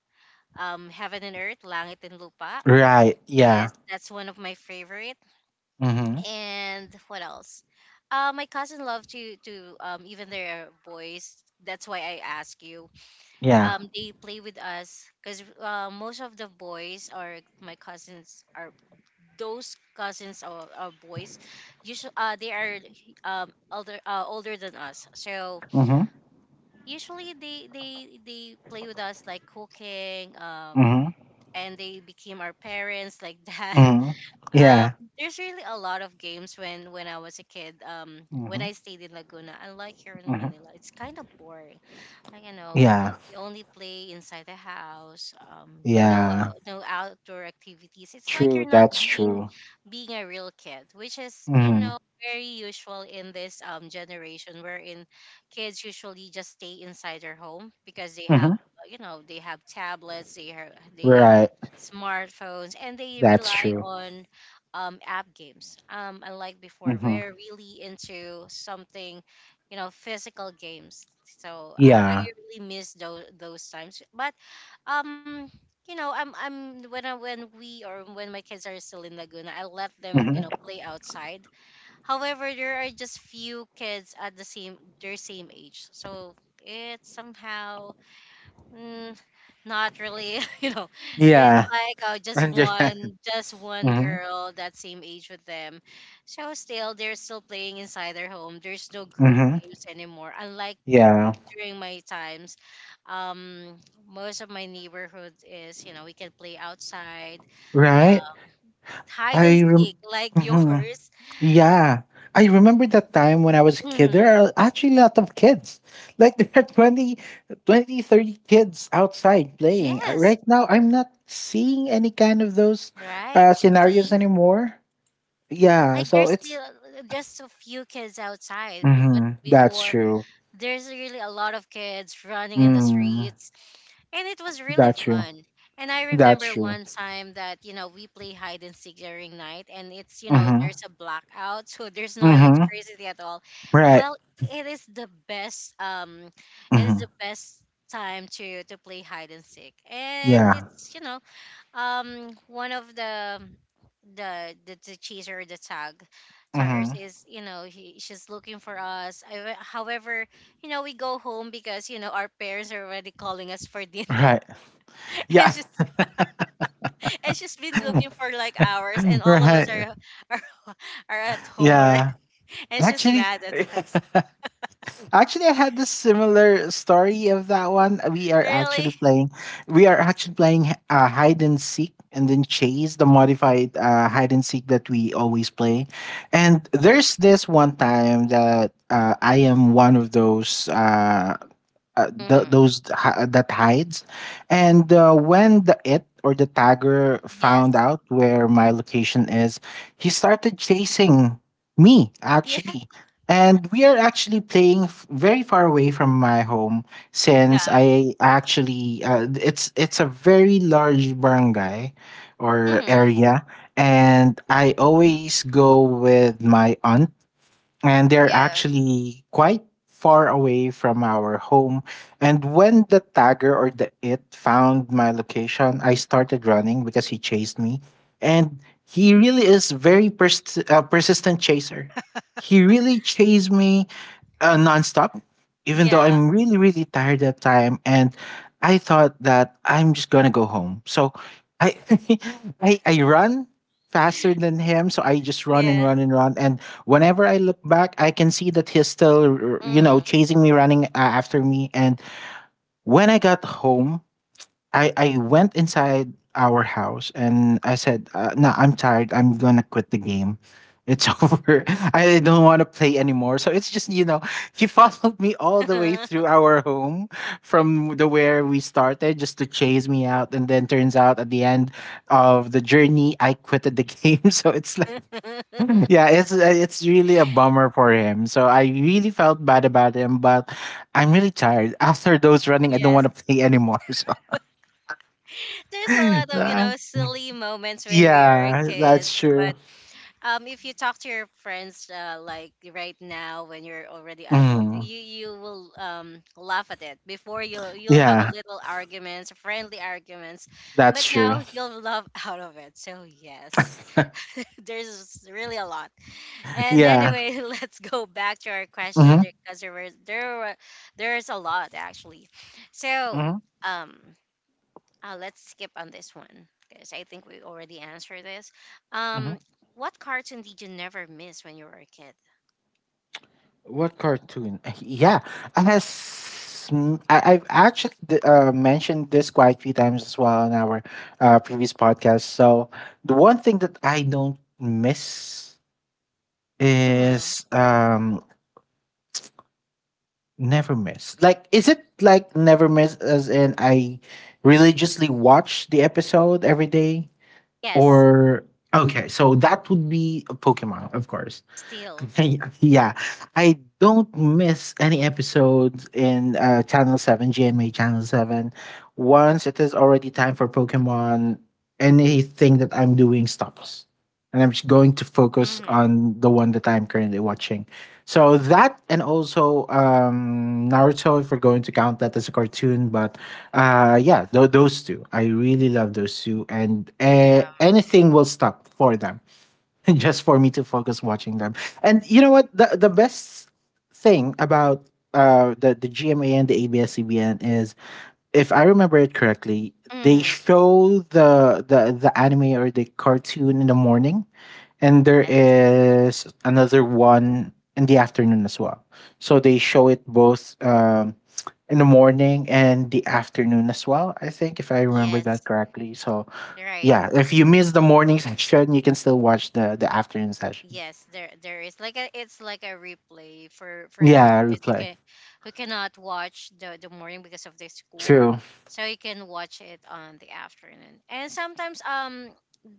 [SPEAKER 1] um heaven and earth, langit and lupa.
[SPEAKER 2] Right. Yeah.
[SPEAKER 1] Yes, that's one of my favorite
[SPEAKER 2] Mhm.
[SPEAKER 1] and what else? My cousin loved to even their boys, that's why I ask you
[SPEAKER 2] Yeah.
[SPEAKER 1] they play with us because most of the boys, are my cousins, are those cousins or boys. Usually they are older, older than us, so
[SPEAKER 2] Mhm.
[SPEAKER 1] usually they play with us like cooking
[SPEAKER 2] Mhm.
[SPEAKER 1] and they became our parents like that.
[SPEAKER 2] Mhm.
[SPEAKER 1] um
[SPEAKER 2] Yeah.
[SPEAKER 1] there's really a lot of games when when I was a kid, when
[SPEAKER 2] Mhm.
[SPEAKER 1] I stayed in Laguna. Unlike here in
[SPEAKER 2] Mhm.
[SPEAKER 1] Manila, it's kind of boring, like you know,
[SPEAKER 2] Yeah.
[SPEAKER 1] you only play inside the house.
[SPEAKER 2] Yeah.
[SPEAKER 1] No outdoor activities, it's like you're
[SPEAKER 2] True.
[SPEAKER 1] not
[SPEAKER 2] That's true.
[SPEAKER 1] being a real kid, which is you know
[SPEAKER 2] Mhm.
[SPEAKER 1] very usual in this generation, wherein kids usually just stay inside their home because they have
[SPEAKER 2] Mhm.
[SPEAKER 1] you know, they have tablets, they have
[SPEAKER 2] Right.
[SPEAKER 1] smartphones, and they
[SPEAKER 2] That's
[SPEAKER 1] rely
[SPEAKER 2] true.
[SPEAKER 1] on app games. Unlike before,
[SPEAKER 2] Mhm.
[SPEAKER 1] we're really into something, you know, physical games. So
[SPEAKER 2] Yeah.
[SPEAKER 1] really miss those times. But um, you know, I'm when when we, or when my kids are still in Laguna, I let them you
[SPEAKER 2] Mhm.
[SPEAKER 1] know play outside. However, there are just few kids at their same age, so it's somehow mm, not really you know, it's
[SPEAKER 2] Yeah.
[SPEAKER 1] like
[SPEAKER 2] Under.
[SPEAKER 1] just one
[SPEAKER 2] Mhm.
[SPEAKER 1] girl that same age with them. So still they're still playing inside their home, there's no group
[SPEAKER 2] Mhm.
[SPEAKER 1] games anymore, unlike
[SPEAKER 2] Yeah.
[SPEAKER 1] during my times, um, most of my neighborhood is, you know, we can play outside,
[SPEAKER 2] Right.
[SPEAKER 1] hide and
[SPEAKER 2] I rem.
[SPEAKER 1] seek like
[SPEAKER 2] Mhm.
[SPEAKER 1] yours.
[SPEAKER 2] Yeah. I remember that time when I was a kid. There
[SPEAKER 1] Hmm
[SPEAKER 2] are actually a lot of kids. Like, there are 20, 20, 30 kids outside playing.
[SPEAKER 1] Yes,
[SPEAKER 2] Right now, I'm not seeing any kind of those
[SPEAKER 1] right.
[SPEAKER 2] scenarios
[SPEAKER 1] See,
[SPEAKER 2] anymore. Yeah.
[SPEAKER 1] like
[SPEAKER 2] So
[SPEAKER 1] there's still
[SPEAKER 2] it's.
[SPEAKER 1] just a few kids outside, but
[SPEAKER 2] Hmm. That's
[SPEAKER 1] before
[SPEAKER 2] true.
[SPEAKER 1] there's really a lot of kids running in the
[SPEAKER 2] Mm,
[SPEAKER 1] streets, and it was really
[SPEAKER 2] that's true.
[SPEAKER 1] fun. And I
[SPEAKER 2] That's
[SPEAKER 1] remember
[SPEAKER 2] true.
[SPEAKER 1] one time that, you know, we play hide and seek during night, and it's, you know,
[SPEAKER 2] Mm-hmm.
[SPEAKER 1] there's a blackout, so there's no
[SPEAKER 2] Mm-hmm.
[SPEAKER 1] electricity at all.
[SPEAKER 2] Right.
[SPEAKER 1] Well, it is the best, it is
[SPEAKER 2] Mm-hmm.
[SPEAKER 1] the best time to play hide and seek, and
[SPEAKER 2] Yeah.
[SPEAKER 1] it's, you know, one of the chaser, the taggers
[SPEAKER 2] Mm-hmm.
[SPEAKER 1] is, you know, she's looking for us. However, you know, we go home because you know our parents are already calling us for dinner,
[SPEAKER 2] Right.
[SPEAKER 1] and
[SPEAKER 2] Yeah.
[SPEAKER 1] she's, and she's been looking for like hours, and all of us
[SPEAKER 2] right.
[SPEAKER 1] are, are at home already.
[SPEAKER 2] Yeah.
[SPEAKER 1] And she's
[SPEAKER 2] Actually,
[SPEAKER 1] mad at us.
[SPEAKER 2] actually, I had this similar story of that one. We are actually
[SPEAKER 1] Really.
[SPEAKER 2] playing, we are actually playing hide and seek, and then chase, the modified hide and seek that we always play. And there's this one time that I am one of those th-
[SPEAKER 1] Mm-hmm.
[SPEAKER 2] those hi- that hides. And when the it, or the tagger,
[SPEAKER 1] Yes.
[SPEAKER 2] found out where my location is, he started chasing me
[SPEAKER 1] Yeah,
[SPEAKER 2] actually. And we are actually playing very far away from my home, since
[SPEAKER 1] yeah.
[SPEAKER 2] I actually it's a very large barangay or
[SPEAKER 1] Mm-hmm.
[SPEAKER 2] area, and I always go with my aunt, and they're
[SPEAKER 1] Yeah,
[SPEAKER 2] actually quite far away from our home. And when the tagger or the it found my location, I started running because he chased me. And he really is very persistent chaser. He really chased me nonstop, even though
[SPEAKER 1] yeah,
[SPEAKER 2] I'm really, really tired that time. And I thought that I'm just gonna go home. So I I run faster than him. So I just run and
[SPEAKER 1] yeah.
[SPEAKER 2] run and run. And whenever I look back, I can see that he's still,
[SPEAKER 1] Mm-hmm.
[SPEAKER 2] chasing me, running after me. And when I got home, I went inside our house, and I said, "No, I'm tired. I'm gonna quit the game. It's over. I don't want to play anymore." So it's just, he followed me all the way through our home from the where we started, just to chase me out, and then turns out at the end of the journey, I quitted the game. So it's like, yeah, it's really a bummer for him. So I really felt bad about him, but I'm really tired after those running. I don't
[SPEAKER 1] Yes,
[SPEAKER 2] want to play anymore. So.
[SPEAKER 1] there's a lot of you know silly moments when we are
[SPEAKER 2] Yeah,
[SPEAKER 1] kids.
[SPEAKER 2] that's true.
[SPEAKER 1] But if you talk to your friends like right now when you're already adult,
[SPEAKER 2] Mm.
[SPEAKER 1] you will laugh at it. Before, you'll have
[SPEAKER 2] Yeah,
[SPEAKER 1] a little arguments, friendly arguments,
[SPEAKER 2] that's
[SPEAKER 1] but
[SPEAKER 2] true.
[SPEAKER 1] now you'll love out of it. So yes, there's really a lot. And
[SPEAKER 2] yeah.
[SPEAKER 1] anyway, let's go back to our question,
[SPEAKER 2] Hmm.
[SPEAKER 1] because there were, there's a lot actually. So
[SPEAKER 2] Hmm.
[SPEAKER 1] um let's skip on this one because I think we already answered this. Um,
[SPEAKER 2] Hmm.
[SPEAKER 1] what cartoon did you never miss when you were a kid?
[SPEAKER 2] What cartoon? Yeah, I has. I have actually mentioned this quite a few times as well in our previous podcast. So the one thing that I don't miss
[SPEAKER 1] Hmm
[SPEAKER 2] is, never miss. Like, is it like never miss as in I religiously watch the episode every day?
[SPEAKER 1] Yes,
[SPEAKER 2] Or okay, so that would be a Pokemon, of course.
[SPEAKER 1] still.
[SPEAKER 2] Yeah, I don't miss any episodes in Channel 7, GMA Channel 7. Once it is already time for Pokemon, anything that I'm doing stops. And I'm just going to focus
[SPEAKER 1] Hmm
[SPEAKER 2] on the one that I'm currently watching. So that, and also Naruto, if we're going to count that as a cartoon. But yeah, those two. I really love those two. And
[SPEAKER 1] Yeah.
[SPEAKER 2] anything will stop for them just for me to focus watching them. And you know what? The best thing about the GMA and the ABS-CBN is, if I remember it correctly, they
[SPEAKER 1] hmm
[SPEAKER 2] show the anime or the cartoon in the morning, and there
[SPEAKER 1] Yes.
[SPEAKER 2] is another one in the afternoon as well. So they show it both, in the morning and the afternoon as well. I think if I remember that
[SPEAKER 1] Yes.
[SPEAKER 2] correctly. So
[SPEAKER 1] Right.
[SPEAKER 2] yeah, if you
[SPEAKER 1] Right.
[SPEAKER 2] miss the morning session, you can still watch the afternoon session.
[SPEAKER 1] Yes, there is like a, it's like a replay for those
[SPEAKER 2] Yeah,
[SPEAKER 1] kids who
[SPEAKER 2] replay.
[SPEAKER 1] can who cannot watch the morning because of their school,
[SPEAKER 2] True.
[SPEAKER 1] so you can watch it on the afternoon. And sometimes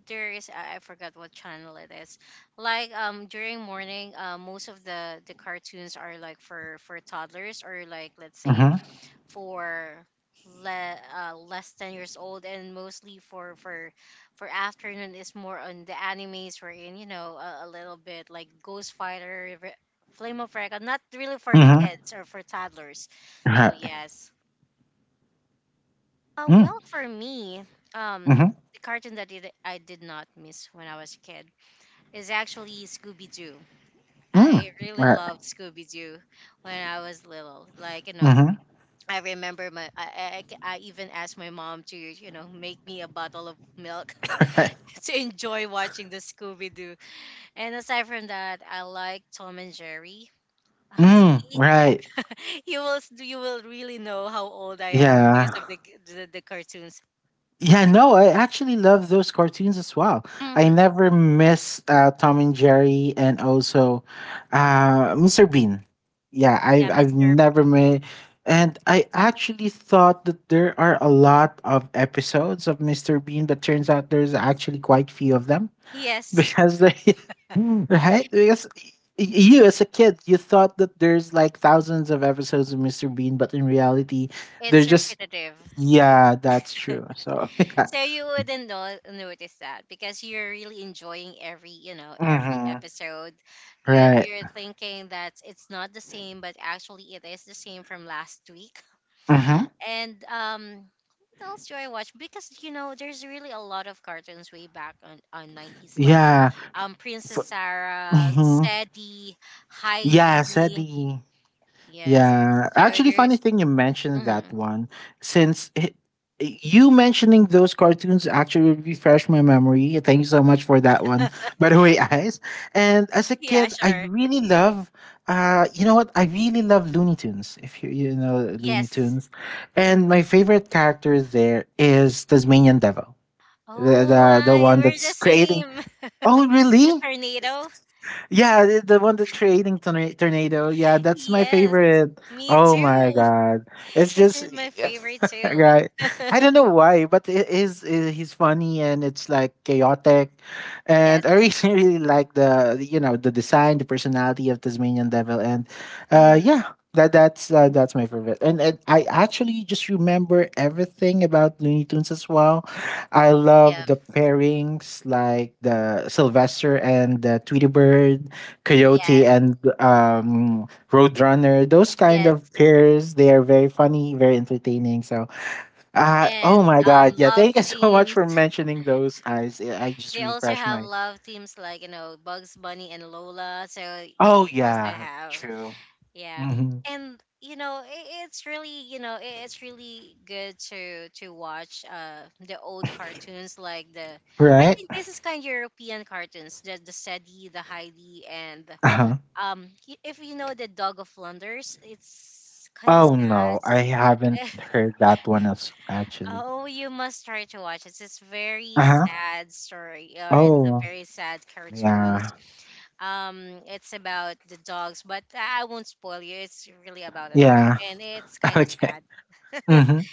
[SPEAKER 1] there is, I forgot what channel it is. Like during morning, most of the cartoons are like for toddlers, or like let's say
[SPEAKER 2] Mhm.
[SPEAKER 1] for less 10 years old, and mostly for afternoon is more on the animes, we're in, you know, a little bit like Ghost Fighter, Flame of Recca, not really for
[SPEAKER 2] Mhm.
[SPEAKER 1] kids or for toddlers. So
[SPEAKER 2] Right.
[SPEAKER 1] yes,
[SPEAKER 2] Mm.
[SPEAKER 1] well for me, um
[SPEAKER 2] Mhm.
[SPEAKER 1] the cartoon that I did not miss when I was a kid is actually Scooby-Doo.
[SPEAKER 2] Mm.
[SPEAKER 1] I really
[SPEAKER 2] Right.
[SPEAKER 1] loved Scooby-Doo when I was little, like you know,
[SPEAKER 2] Mhm.
[SPEAKER 1] I remember I even asked my mom to you know make me a bottle of milk
[SPEAKER 2] Right.
[SPEAKER 1] to enjoy watching the Scooby Doo. And aside from that, I like Tom and Jerry.
[SPEAKER 2] Mm.
[SPEAKER 1] See,
[SPEAKER 2] Right.
[SPEAKER 1] you you will really know how old I am because
[SPEAKER 2] Yeah.
[SPEAKER 1] of the cartoons.
[SPEAKER 2] Yeah, no, I actually love those cartoons as well. I
[SPEAKER 1] Mhm.
[SPEAKER 2] never miss Tom and Jerry, and also Mr. Bean. Yeah,
[SPEAKER 1] Yeah,
[SPEAKER 2] I've
[SPEAKER 1] Mr.
[SPEAKER 2] never
[SPEAKER 1] Bean.
[SPEAKER 2] made, and I actually thought that there are a lot of episodes of Mr. Bean, but turns out there's actually quite few of them
[SPEAKER 1] Yes,
[SPEAKER 2] because they, right? Because you, as a kid, you thought that there's like thousands of episodes of Mr. Bean, but in reality, they're
[SPEAKER 1] it's
[SPEAKER 2] just.
[SPEAKER 1] repetitive.
[SPEAKER 2] Yeah, that's true. So.
[SPEAKER 1] So you wouldn't know, notice that because you're really enjoying every, you know, every
[SPEAKER 2] Mhm.
[SPEAKER 1] episode.
[SPEAKER 2] Right.
[SPEAKER 1] You're thinking that it's not the same, but actually it is the same from last week.
[SPEAKER 2] Mhm.
[SPEAKER 1] And what else do I watch? Because you know, there's really a lot of cartoons way back on nineties, like
[SPEAKER 2] Yeah. F-
[SPEAKER 1] Princess Sarah,
[SPEAKER 2] mhm.
[SPEAKER 1] Sadie,
[SPEAKER 2] Yeah,
[SPEAKER 1] Heidi.
[SPEAKER 2] SETI.
[SPEAKER 1] Yes.
[SPEAKER 2] Yeah.
[SPEAKER 1] So
[SPEAKER 2] Actually, funny
[SPEAKER 1] there's.
[SPEAKER 2] thing you mentioned that
[SPEAKER 1] Mhm.
[SPEAKER 2] one, since you mentioning those cartoons actually refreshed my memory. Thank you so much for that one, by the way, guys. And as a
[SPEAKER 1] Yeah,
[SPEAKER 2] kid, I
[SPEAKER 1] sure.
[SPEAKER 2] really love. You know what? I really love Looney Tunes. If you know Looney
[SPEAKER 1] Yes.
[SPEAKER 2] Tunes, and my favorite character there is Tasmanian Devil, the
[SPEAKER 1] Oh,
[SPEAKER 2] the, the
[SPEAKER 1] I,
[SPEAKER 2] one
[SPEAKER 1] we're the
[SPEAKER 2] that's creating.
[SPEAKER 1] same.
[SPEAKER 2] Oh,
[SPEAKER 1] The
[SPEAKER 2] really?
[SPEAKER 1] tornado?
[SPEAKER 2] Yeah, the one that's creating tornado. Yeah, that's my
[SPEAKER 1] Yes,
[SPEAKER 2] favorite.
[SPEAKER 1] me
[SPEAKER 2] Oh my
[SPEAKER 1] too.
[SPEAKER 2] god, it's
[SPEAKER 1] It's
[SPEAKER 2] just
[SPEAKER 1] just my favorite too.
[SPEAKER 2] right. I don't know why, but it is. He's funny and it's like chaotic, and I
[SPEAKER 1] Yes.
[SPEAKER 2] really really like the the design, the personality of Tasmanian Devil, and
[SPEAKER 1] hmm
[SPEAKER 2] yeah. That's my favorite, and, I actually just remember everything about Looney Tunes as well. I
[SPEAKER 1] Yeah.
[SPEAKER 2] love the pairings like the Sylvester and the Tweety Bird, Coyote
[SPEAKER 1] Yes.
[SPEAKER 2] and Roadrunner. Those kind of
[SPEAKER 1] Yes.
[SPEAKER 2] pairs, they are very funny, very entertaining. So, oh
[SPEAKER 1] And
[SPEAKER 2] my God. Yeah,
[SPEAKER 1] love
[SPEAKER 2] thank you so much
[SPEAKER 1] themes.
[SPEAKER 2] for mentioning those. I just
[SPEAKER 1] They also
[SPEAKER 2] refreshed
[SPEAKER 1] have
[SPEAKER 2] my.
[SPEAKER 1] love themes like, you know, Bugs Bunny and Lola. So
[SPEAKER 2] Oh,
[SPEAKER 1] they also
[SPEAKER 2] yeah,
[SPEAKER 1] have.
[SPEAKER 2] true.
[SPEAKER 1] Yeah.
[SPEAKER 2] Hmm.
[SPEAKER 1] And you know, it's really, you know, it's really good to watch the old cartoons like the, I
[SPEAKER 2] Right?
[SPEAKER 1] think this is kind of European cartoons, the Sadie, the Heidi, and
[SPEAKER 2] Uh-huh.
[SPEAKER 1] if you know the Dog of Flanders, it's kind of
[SPEAKER 2] Oh no,
[SPEAKER 1] sad.
[SPEAKER 2] I haven't heard that one as actually.
[SPEAKER 1] Oh, you must try to watch it. It's
[SPEAKER 2] Uh
[SPEAKER 1] very
[SPEAKER 2] huh.
[SPEAKER 1] sad story, or it's a
[SPEAKER 2] Oh,
[SPEAKER 1] very sad cartoon.
[SPEAKER 2] yeah.
[SPEAKER 1] It's about the dogs, but I won't spoil you. It's really about a dog,
[SPEAKER 2] Yeah.
[SPEAKER 1] and it's kind of
[SPEAKER 2] Okay.
[SPEAKER 1] sad.
[SPEAKER 2] Mhm.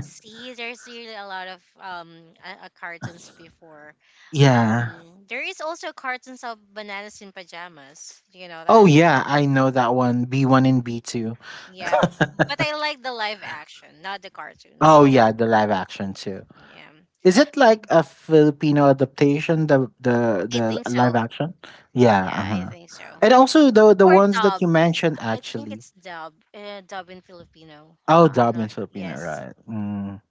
[SPEAKER 1] See, there's really a lot of cartoons before.
[SPEAKER 2] Yeah.
[SPEAKER 1] There is also cartoons of bananas in pajamas. Do you know
[SPEAKER 2] Oh
[SPEAKER 1] that?
[SPEAKER 2] yeah, I know that one. B1 and B2.
[SPEAKER 1] Yeah, but I like the live action, not the
[SPEAKER 2] Oh
[SPEAKER 1] cartoons.
[SPEAKER 2] yeah, the live action too.
[SPEAKER 1] Yeah.
[SPEAKER 2] Is it like
[SPEAKER 1] Mm.
[SPEAKER 2] a Filipino adaptation, the the
[SPEAKER 1] I
[SPEAKER 2] the
[SPEAKER 1] think
[SPEAKER 2] live
[SPEAKER 1] so.
[SPEAKER 2] action? Yeah,
[SPEAKER 1] Yeah, I
[SPEAKER 2] uh-huh.
[SPEAKER 1] think so.
[SPEAKER 2] And also the
[SPEAKER 1] Or
[SPEAKER 2] ones that you
[SPEAKER 1] dub.
[SPEAKER 2] mentioned
[SPEAKER 1] I think
[SPEAKER 2] actually.
[SPEAKER 1] it's dub. Dub in Filipino.
[SPEAKER 2] Oh, dubbed
[SPEAKER 1] No,
[SPEAKER 2] in Filipino,
[SPEAKER 1] yes.
[SPEAKER 2] right. Mm.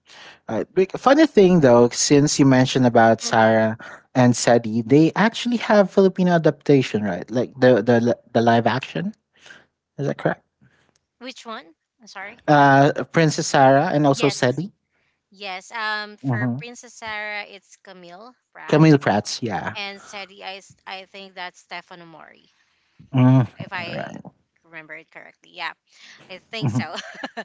[SPEAKER 2] Right. Funny thing though, since you mentioned about
[SPEAKER 1] Mhm.
[SPEAKER 2] Sarah and Sadi, they actually have Filipino adaptation, right? Like the live action. Is that correct?
[SPEAKER 1] Which one? I'm sorry.
[SPEAKER 2] Princess Sarah and also
[SPEAKER 1] Yes.
[SPEAKER 2] Sadi.
[SPEAKER 1] Yes. For
[SPEAKER 2] Mhm.
[SPEAKER 1] Princess Sarah, it's Camille Pratt,
[SPEAKER 2] Camille Prats, yeah.
[SPEAKER 1] and Sadie, I think that's Stefano Mori,
[SPEAKER 2] Mhm,
[SPEAKER 1] if I
[SPEAKER 2] right.
[SPEAKER 1] remember it correctly. Yeah, I think so.
[SPEAKER 2] Mhm.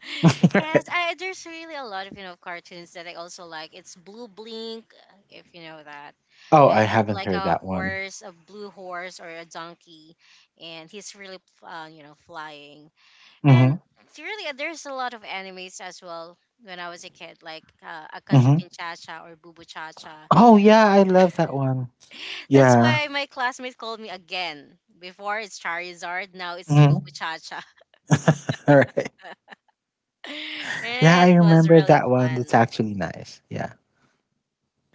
[SPEAKER 1] Yes, there's really a lot of you know cartoons that I also like. It's Blue Blink, if you know that.
[SPEAKER 2] Oh, I
[SPEAKER 1] It's
[SPEAKER 2] haven't
[SPEAKER 1] like
[SPEAKER 2] heard
[SPEAKER 1] a
[SPEAKER 2] that one.
[SPEAKER 1] horse, a blue horse or a donkey, and he's really you know flying. And
[SPEAKER 2] Mhm,
[SPEAKER 1] really, there's a lot of animes as well when I was a kid, like
[SPEAKER 2] mhm.
[SPEAKER 1] Akazukin Chacha or Bubu Chacha.
[SPEAKER 2] Oh, yeah, I love that one.
[SPEAKER 1] That's
[SPEAKER 2] Yeah.
[SPEAKER 1] why my classmates called me again. Before it's Charizard, now it's Bubu
[SPEAKER 2] Mhm.
[SPEAKER 1] Chacha.
[SPEAKER 2] Alright. Yeah,
[SPEAKER 1] It
[SPEAKER 2] I
[SPEAKER 1] was
[SPEAKER 2] remember
[SPEAKER 1] really
[SPEAKER 2] that one. That's
[SPEAKER 1] fun.
[SPEAKER 2] actually nice. Yeah.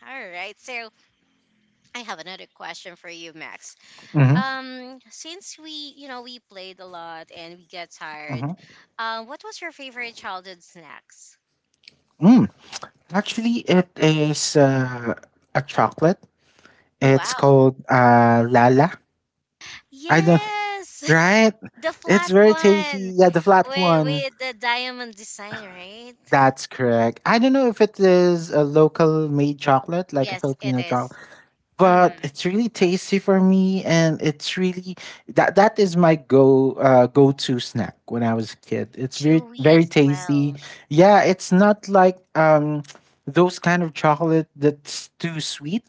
[SPEAKER 1] All right, so I have another question for you, Max.
[SPEAKER 2] Mhm,
[SPEAKER 1] Since we, you know, we played a lot and we get tired,
[SPEAKER 2] mhm.
[SPEAKER 1] what was your favorite childhood snacks?
[SPEAKER 2] Mm, actually, it is, a chocolate.
[SPEAKER 1] Oh
[SPEAKER 2] It's
[SPEAKER 1] wow!
[SPEAKER 2] called, Lala. I don't
[SPEAKER 1] Yes.
[SPEAKER 2] right?
[SPEAKER 1] The
[SPEAKER 2] It's
[SPEAKER 1] flat
[SPEAKER 2] very
[SPEAKER 1] one
[SPEAKER 2] tasty. Yeah, the flat one.
[SPEAKER 1] with the diamond design, right?
[SPEAKER 2] That's correct. I don't know if it is a local made chocolate, like a
[SPEAKER 1] Yes, it
[SPEAKER 2] Filipino chocolate,
[SPEAKER 1] is. Mm.
[SPEAKER 2] but it's really tasty for me, and it's really that is my go to snack when I was a kid. It's very
[SPEAKER 1] Chewy
[SPEAKER 2] very
[SPEAKER 1] as
[SPEAKER 2] tasty.
[SPEAKER 1] well.
[SPEAKER 2] Yeah, it's not like those kind of chocolate that's too sweet,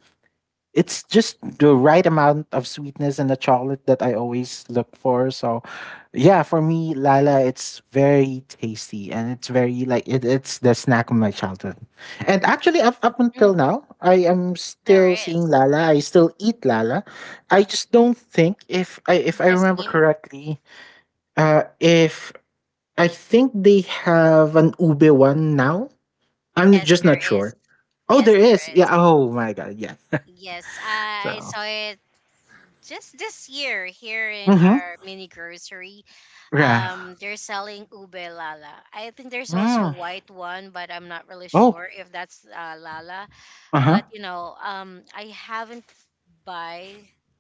[SPEAKER 2] it's just the right amount of sweetness in the chocolate that I always look for. So, yeah, for me, Lala, it's very tasty and it's very it's the snack of my childhood. And actually, up
[SPEAKER 1] Mm,
[SPEAKER 2] until now, I am
[SPEAKER 1] there
[SPEAKER 2] still seeing
[SPEAKER 1] is.
[SPEAKER 2] Lala. I still eat Lala. I just don't think if I
[SPEAKER 1] The
[SPEAKER 2] remember
[SPEAKER 1] same?
[SPEAKER 2] correctly, if I think they have an ube one now. I'm
[SPEAKER 1] Yes,
[SPEAKER 2] just
[SPEAKER 1] there
[SPEAKER 2] not
[SPEAKER 1] is.
[SPEAKER 2] sure. Oh, there
[SPEAKER 1] Yes, there
[SPEAKER 2] is. Yeah.
[SPEAKER 1] is.
[SPEAKER 2] Oh my God. Yeah.
[SPEAKER 1] Yes, I
[SPEAKER 2] So.
[SPEAKER 1] saw it just this year here in
[SPEAKER 2] Mm-hmm.
[SPEAKER 1] our mini grocery.
[SPEAKER 2] Yeah.
[SPEAKER 1] They're selling ube lala. I think there's also a
[SPEAKER 2] Mm.
[SPEAKER 1] white one, but I'm not really
[SPEAKER 2] Oh.
[SPEAKER 1] sure if that's lala.
[SPEAKER 2] Uh huh.
[SPEAKER 1] But you know I haven't buy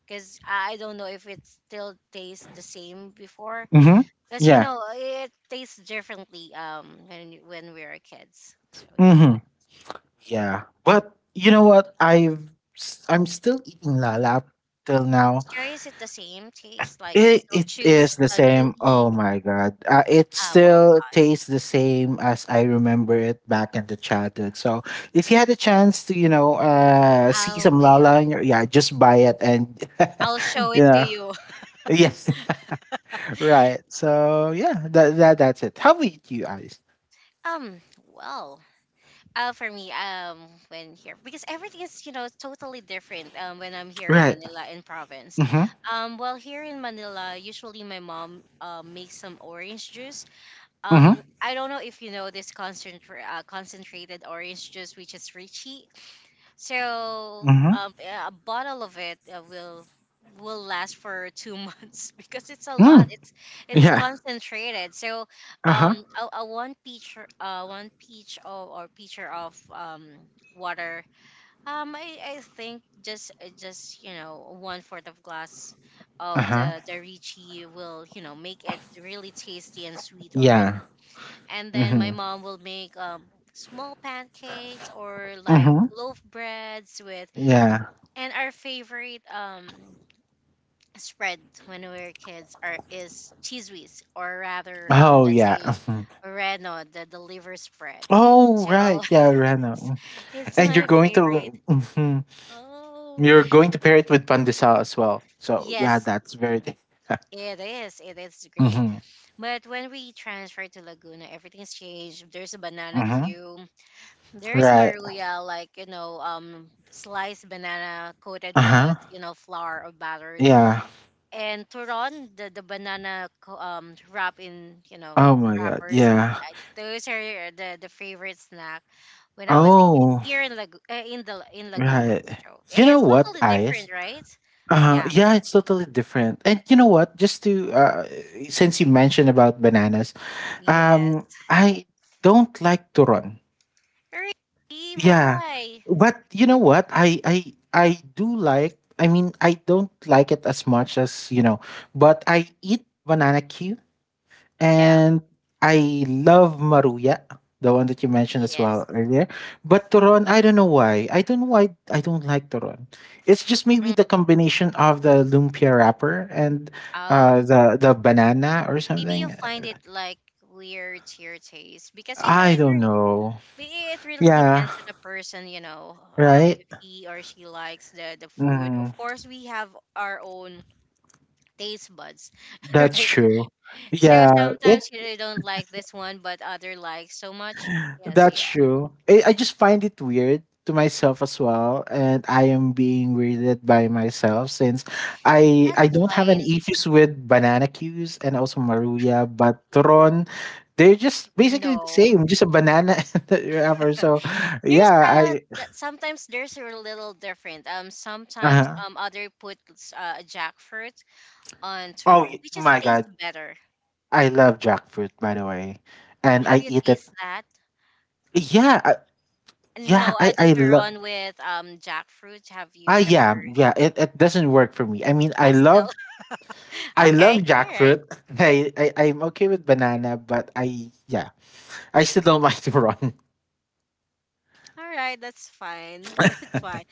[SPEAKER 1] because I don't know if it still tastes the same before,
[SPEAKER 2] Mm-hmm.
[SPEAKER 1] because you
[SPEAKER 2] Yeah.
[SPEAKER 1] know it tastes differently when we were kids, so yeah.
[SPEAKER 2] Mm-hmm. Yeah. But you know what? I'm still eating lalap till now.
[SPEAKER 1] Sure, is it the same taste, like it's
[SPEAKER 2] It
[SPEAKER 1] still
[SPEAKER 2] it
[SPEAKER 1] chews,
[SPEAKER 2] is the same.
[SPEAKER 1] chewy?
[SPEAKER 2] Oh my god. It
[SPEAKER 1] Ah, well,
[SPEAKER 2] still tastes the same as I remember it back in the childhood. So if you had a chance to
[SPEAKER 1] I
[SPEAKER 2] see some
[SPEAKER 1] will.
[SPEAKER 2] lala, in your, yeah, just buy it and
[SPEAKER 1] I'll show it
[SPEAKER 2] you
[SPEAKER 1] to
[SPEAKER 2] know,
[SPEAKER 1] you.
[SPEAKER 2] yes. Right. So yeah. That's it. How about you guys?
[SPEAKER 1] um well for me, when here, because everything is you know totally different. When I'm here in
[SPEAKER 2] Right.
[SPEAKER 1] Manila, in province, here in Manila, usually my mom makes some orange juice.
[SPEAKER 2] Mm-hmm.
[SPEAKER 1] I don't know if you know this concentrated orange juice, which is Richie. So
[SPEAKER 2] Mm-hmm.
[SPEAKER 1] yeah, a bottle of it will last for two months because it's a lot.
[SPEAKER 2] Mm.
[SPEAKER 1] It's
[SPEAKER 2] Yeah.
[SPEAKER 1] concentrated. So um,
[SPEAKER 2] Uh-huh.
[SPEAKER 1] a one peach one peach of, or pitcher of water. I think just you know one fourth of glass of
[SPEAKER 2] Uh-huh.
[SPEAKER 1] the Ricci will you know make it really tasty and sweet already.
[SPEAKER 2] Yeah.
[SPEAKER 1] And then my
[SPEAKER 2] Mm-hmm.
[SPEAKER 1] mom will make small pancakes or like
[SPEAKER 2] Mm-hmm.
[SPEAKER 1] loaf breads with,
[SPEAKER 2] Yeah.
[SPEAKER 1] and our favorite spread when we were kids are is cheese whiz, or rather
[SPEAKER 2] Oh
[SPEAKER 1] let's
[SPEAKER 2] yeah.
[SPEAKER 1] say
[SPEAKER 2] Mhm.
[SPEAKER 1] Reno, the liver spread.
[SPEAKER 2] Oh
[SPEAKER 1] So
[SPEAKER 2] right. Yeah, Reno. Mm.
[SPEAKER 1] it's
[SPEAKER 2] And you're
[SPEAKER 1] my
[SPEAKER 2] going to
[SPEAKER 1] favorite.
[SPEAKER 2] hmm,
[SPEAKER 1] Oh
[SPEAKER 2] you're going to pair it with pandesal as well. So yeah,
[SPEAKER 1] yes,
[SPEAKER 2] that's very
[SPEAKER 1] it is. It is great.
[SPEAKER 2] mm-hmm.
[SPEAKER 1] But when we transferred to Laguna, everything's changed. There's a banana
[SPEAKER 2] Mm-hmm.
[SPEAKER 1] queue. There's
[SPEAKER 2] Right.
[SPEAKER 1] maruya, like you know, sliced banana coated
[SPEAKER 2] Uh-huh.
[SPEAKER 1] with you know flour or battered,
[SPEAKER 2] Yeah.
[SPEAKER 1] and turon, the banana wrap in you know
[SPEAKER 2] Oh my god.
[SPEAKER 1] wrappers.
[SPEAKER 2] Yeah.
[SPEAKER 1] I, those are the favorite snack when I was a kid
[SPEAKER 2] Oh,
[SPEAKER 1] here in in the in Laguna.
[SPEAKER 2] right.
[SPEAKER 1] So
[SPEAKER 2] You know
[SPEAKER 1] it's
[SPEAKER 2] what,
[SPEAKER 1] totally
[SPEAKER 2] Ayes?
[SPEAKER 1] different, right? Yeah.
[SPEAKER 2] Yeah, it's totally different. And you know what? Just to since you mentioned about bananas,
[SPEAKER 1] Yes.
[SPEAKER 2] um, I don't like to run.
[SPEAKER 1] Really?
[SPEAKER 2] Yeah,
[SPEAKER 1] Why?
[SPEAKER 2] but you know what? I do like. I mean, I don't like it as much as you know, but I eat banana Q
[SPEAKER 1] Yeah.
[SPEAKER 2] and I love maruya, the one that you mentioned as well
[SPEAKER 1] Yes.
[SPEAKER 2] earlier. But to run, I don't know why. I don't know why I don't like to run. It's just maybe
[SPEAKER 1] Mm.
[SPEAKER 2] the combination of the lumpia wrapper and uh,
[SPEAKER 1] Um.
[SPEAKER 2] the the banana or
[SPEAKER 1] Maybe you'll
[SPEAKER 2] something.
[SPEAKER 1] find it like weird to your taste because you know
[SPEAKER 2] I
[SPEAKER 1] it's
[SPEAKER 2] don't
[SPEAKER 1] really.
[SPEAKER 2] know.
[SPEAKER 1] But it really
[SPEAKER 2] Yeah.
[SPEAKER 1] depends on the person, you know,
[SPEAKER 2] Right?
[SPEAKER 1] if he or she likes the food. Of
[SPEAKER 2] Mm,
[SPEAKER 1] course, we have our own taste buds,
[SPEAKER 2] that's
[SPEAKER 1] right?
[SPEAKER 2] true.
[SPEAKER 1] So
[SPEAKER 2] Yeah, it
[SPEAKER 1] sometimes you don't like this one, but other likes so much. Yes,
[SPEAKER 2] that's
[SPEAKER 1] yeah,
[SPEAKER 2] true. I just find it weird to myself as well, and I am being weirded by myself since I
[SPEAKER 1] that's
[SPEAKER 2] don't have any
[SPEAKER 1] fine.
[SPEAKER 2] issues with banana cues and also maruya, but Tron, they're just basically the
[SPEAKER 1] No,
[SPEAKER 2] same, just a banana and the wrapper. So
[SPEAKER 1] there's
[SPEAKER 2] yeah, I
[SPEAKER 1] sometimes there's a little different. Sometimes
[SPEAKER 2] uh
[SPEAKER 1] other puts jackfruit on
[SPEAKER 2] oh
[SPEAKER 1] turon, which just
[SPEAKER 2] my
[SPEAKER 1] tastes
[SPEAKER 2] god,
[SPEAKER 1] better.
[SPEAKER 2] I love jackfruit by the way, and
[SPEAKER 1] Have
[SPEAKER 2] I
[SPEAKER 1] you
[SPEAKER 2] eat it.
[SPEAKER 1] tasted that?
[SPEAKER 2] Yeah, yeah,
[SPEAKER 1] No, the
[SPEAKER 2] I love.
[SPEAKER 1] Turon with jackfruit. Have you
[SPEAKER 2] Ah, yeah,
[SPEAKER 1] ever?
[SPEAKER 2] yeah. It doesn't work for me. I mean,
[SPEAKER 1] I still.
[SPEAKER 2] I love
[SPEAKER 1] Okay, all right,
[SPEAKER 2] jackfruit. I'm okay with banana, but I yeah, I still don't like to run.
[SPEAKER 1] all right. That's fine. That's fine.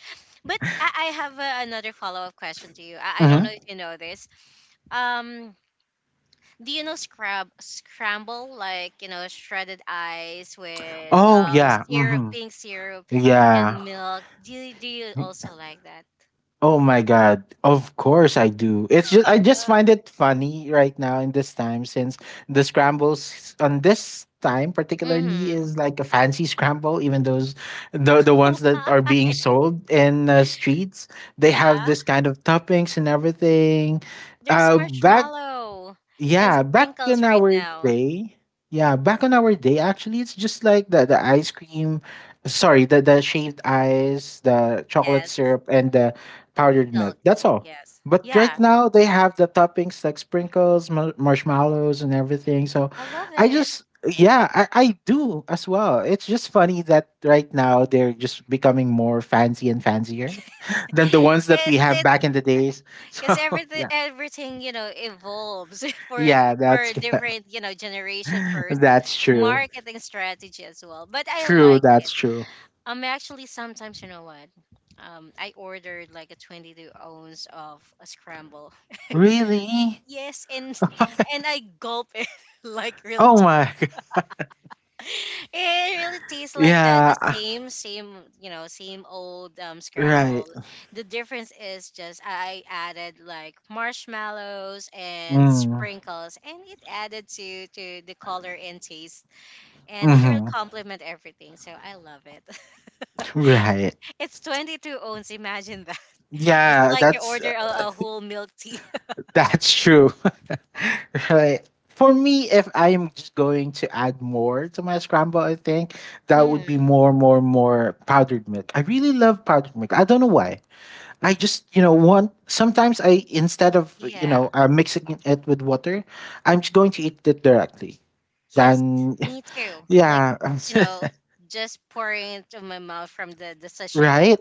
[SPEAKER 1] But I have another follow up question to you. I don't
[SPEAKER 2] Hmm.
[SPEAKER 1] know if you know this. Um, do you know scrab scramble, like you know shredded ice with
[SPEAKER 2] Oh yeah.
[SPEAKER 1] syrup,
[SPEAKER 2] Hmm.
[SPEAKER 1] pink syrup,
[SPEAKER 2] Yeah.
[SPEAKER 1] and milk? Do you also like that?
[SPEAKER 2] Oh my god. Of course I do. It's just I just find it funny right now in this time since the scrambles on this time particularly
[SPEAKER 1] Mm-hmm.
[SPEAKER 2] is like a fancy scramble, even those the ones that are being sold in streets, they have
[SPEAKER 1] Yeah.
[SPEAKER 2] this kind of toppings and everything.
[SPEAKER 1] There's
[SPEAKER 2] Back
[SPEAKER 1] marshmallow and
[SPEAKER 2] yeah, back
[SPEAKER 1] sprinkles
[SPEAKER 2] in
[SPEAKER 1] right
[SPEAKER 2] our
[SPEAKER 1] now.
[SPEAKER 2] day, yeah, back in our day, actually, it's just like the sorry, the shaved ice, the chocolate
[SPEAKER 1] Yes,
[SPEAKER 2] syrup, and the powdered
[SPEAKER 1] milk.
[SPEAKER 2] milk. That's all.
[SPEAKER 1] Yes,
[SPEAKER 2] But right
[SPEAKER 1] yeah,
[SPEAKER 2] now, they have the toppings like sprinkles, marshmallows, and everything. So,
[SPEAKER 1] I love
[SPEAKER 2] I
[SPEAKER 1] it.
[SPEAKER 2] just yeah, I do as well. It's just funny that right now they're just becoming more fancy and fancier than the ones that we
[SPEAKER 1] It's
[SPEAKER 2] have
[SPEAKER 1] it
[SPEAKER 2] back in the days. So
[SPEAKER 1] because everything
[SPEAKER 2] yeah,
[SPEAKER 1] everything you know evolves for
[SPEAKER 2] yeah, that's
[SPEAKER 1] for
[SPEAKER 2] good.
[SPEAKER 1] different you know generation first
[SPEAKER 2] That's true.
[SPEAKER 1] marketing strategy as well. But I like
[SPEAKER 2] That's
[SPEAKER 1] it.
[SPEAKER 2] true.
[SPEAKER 1] Actually, sometimes you know what? I ordered like a 22 ounce of a scramble.
[SPEAKER 2] Really?
[SPEAKER 1] Yes, and I gulp it like real
[SPEAKER 2] Oh my.
[SPEAKER 1] It really tastes like
[SPEAKER 2] Yeah,
[SPEAKER 1] the same same you know same old
[SPEAKER 2] right.
[SPEAKER 1] scramble. The difference is just I added like marshmallows and
[SPEAKER 2] Mm.
[SPEAKER 1] sprinkles, and it added to the color and taste, and it really
[SPEAKER 2] Mm-hmm.
[SPEAKER 1] complement everything. So I love it.
[SPEAKER 2] Right.
[SPEAKER 1] It's 22 ounce. Imagine that. It's
[SPEAKER 2] Yeah,
[SPEAKER 1] like you order a whole milk tea.
[SPEAKER 2] that's true. Right. For me, if I am just going to add more to my scramble, I think that would be
[SPEAKER 1] Mhm.
[SPEAKER 2] more powdered milk. I really love powdered milk. I don't know why. I just, you know, want sometimes I instead of you know
[SPEAKER 1] Yeah.
[SPEAKER 2] mixing it with water, I'm just going to eat it directly.
[SPEAKER 1] Yes,
[SPEAKER 2] Then
[SPEAKER 1] me too. Like,
[SPEAKER 2] yeah,
[SPEAKER 1] you know, just pouring it into my mouth from the sachet.
[SPEAKER 2] right?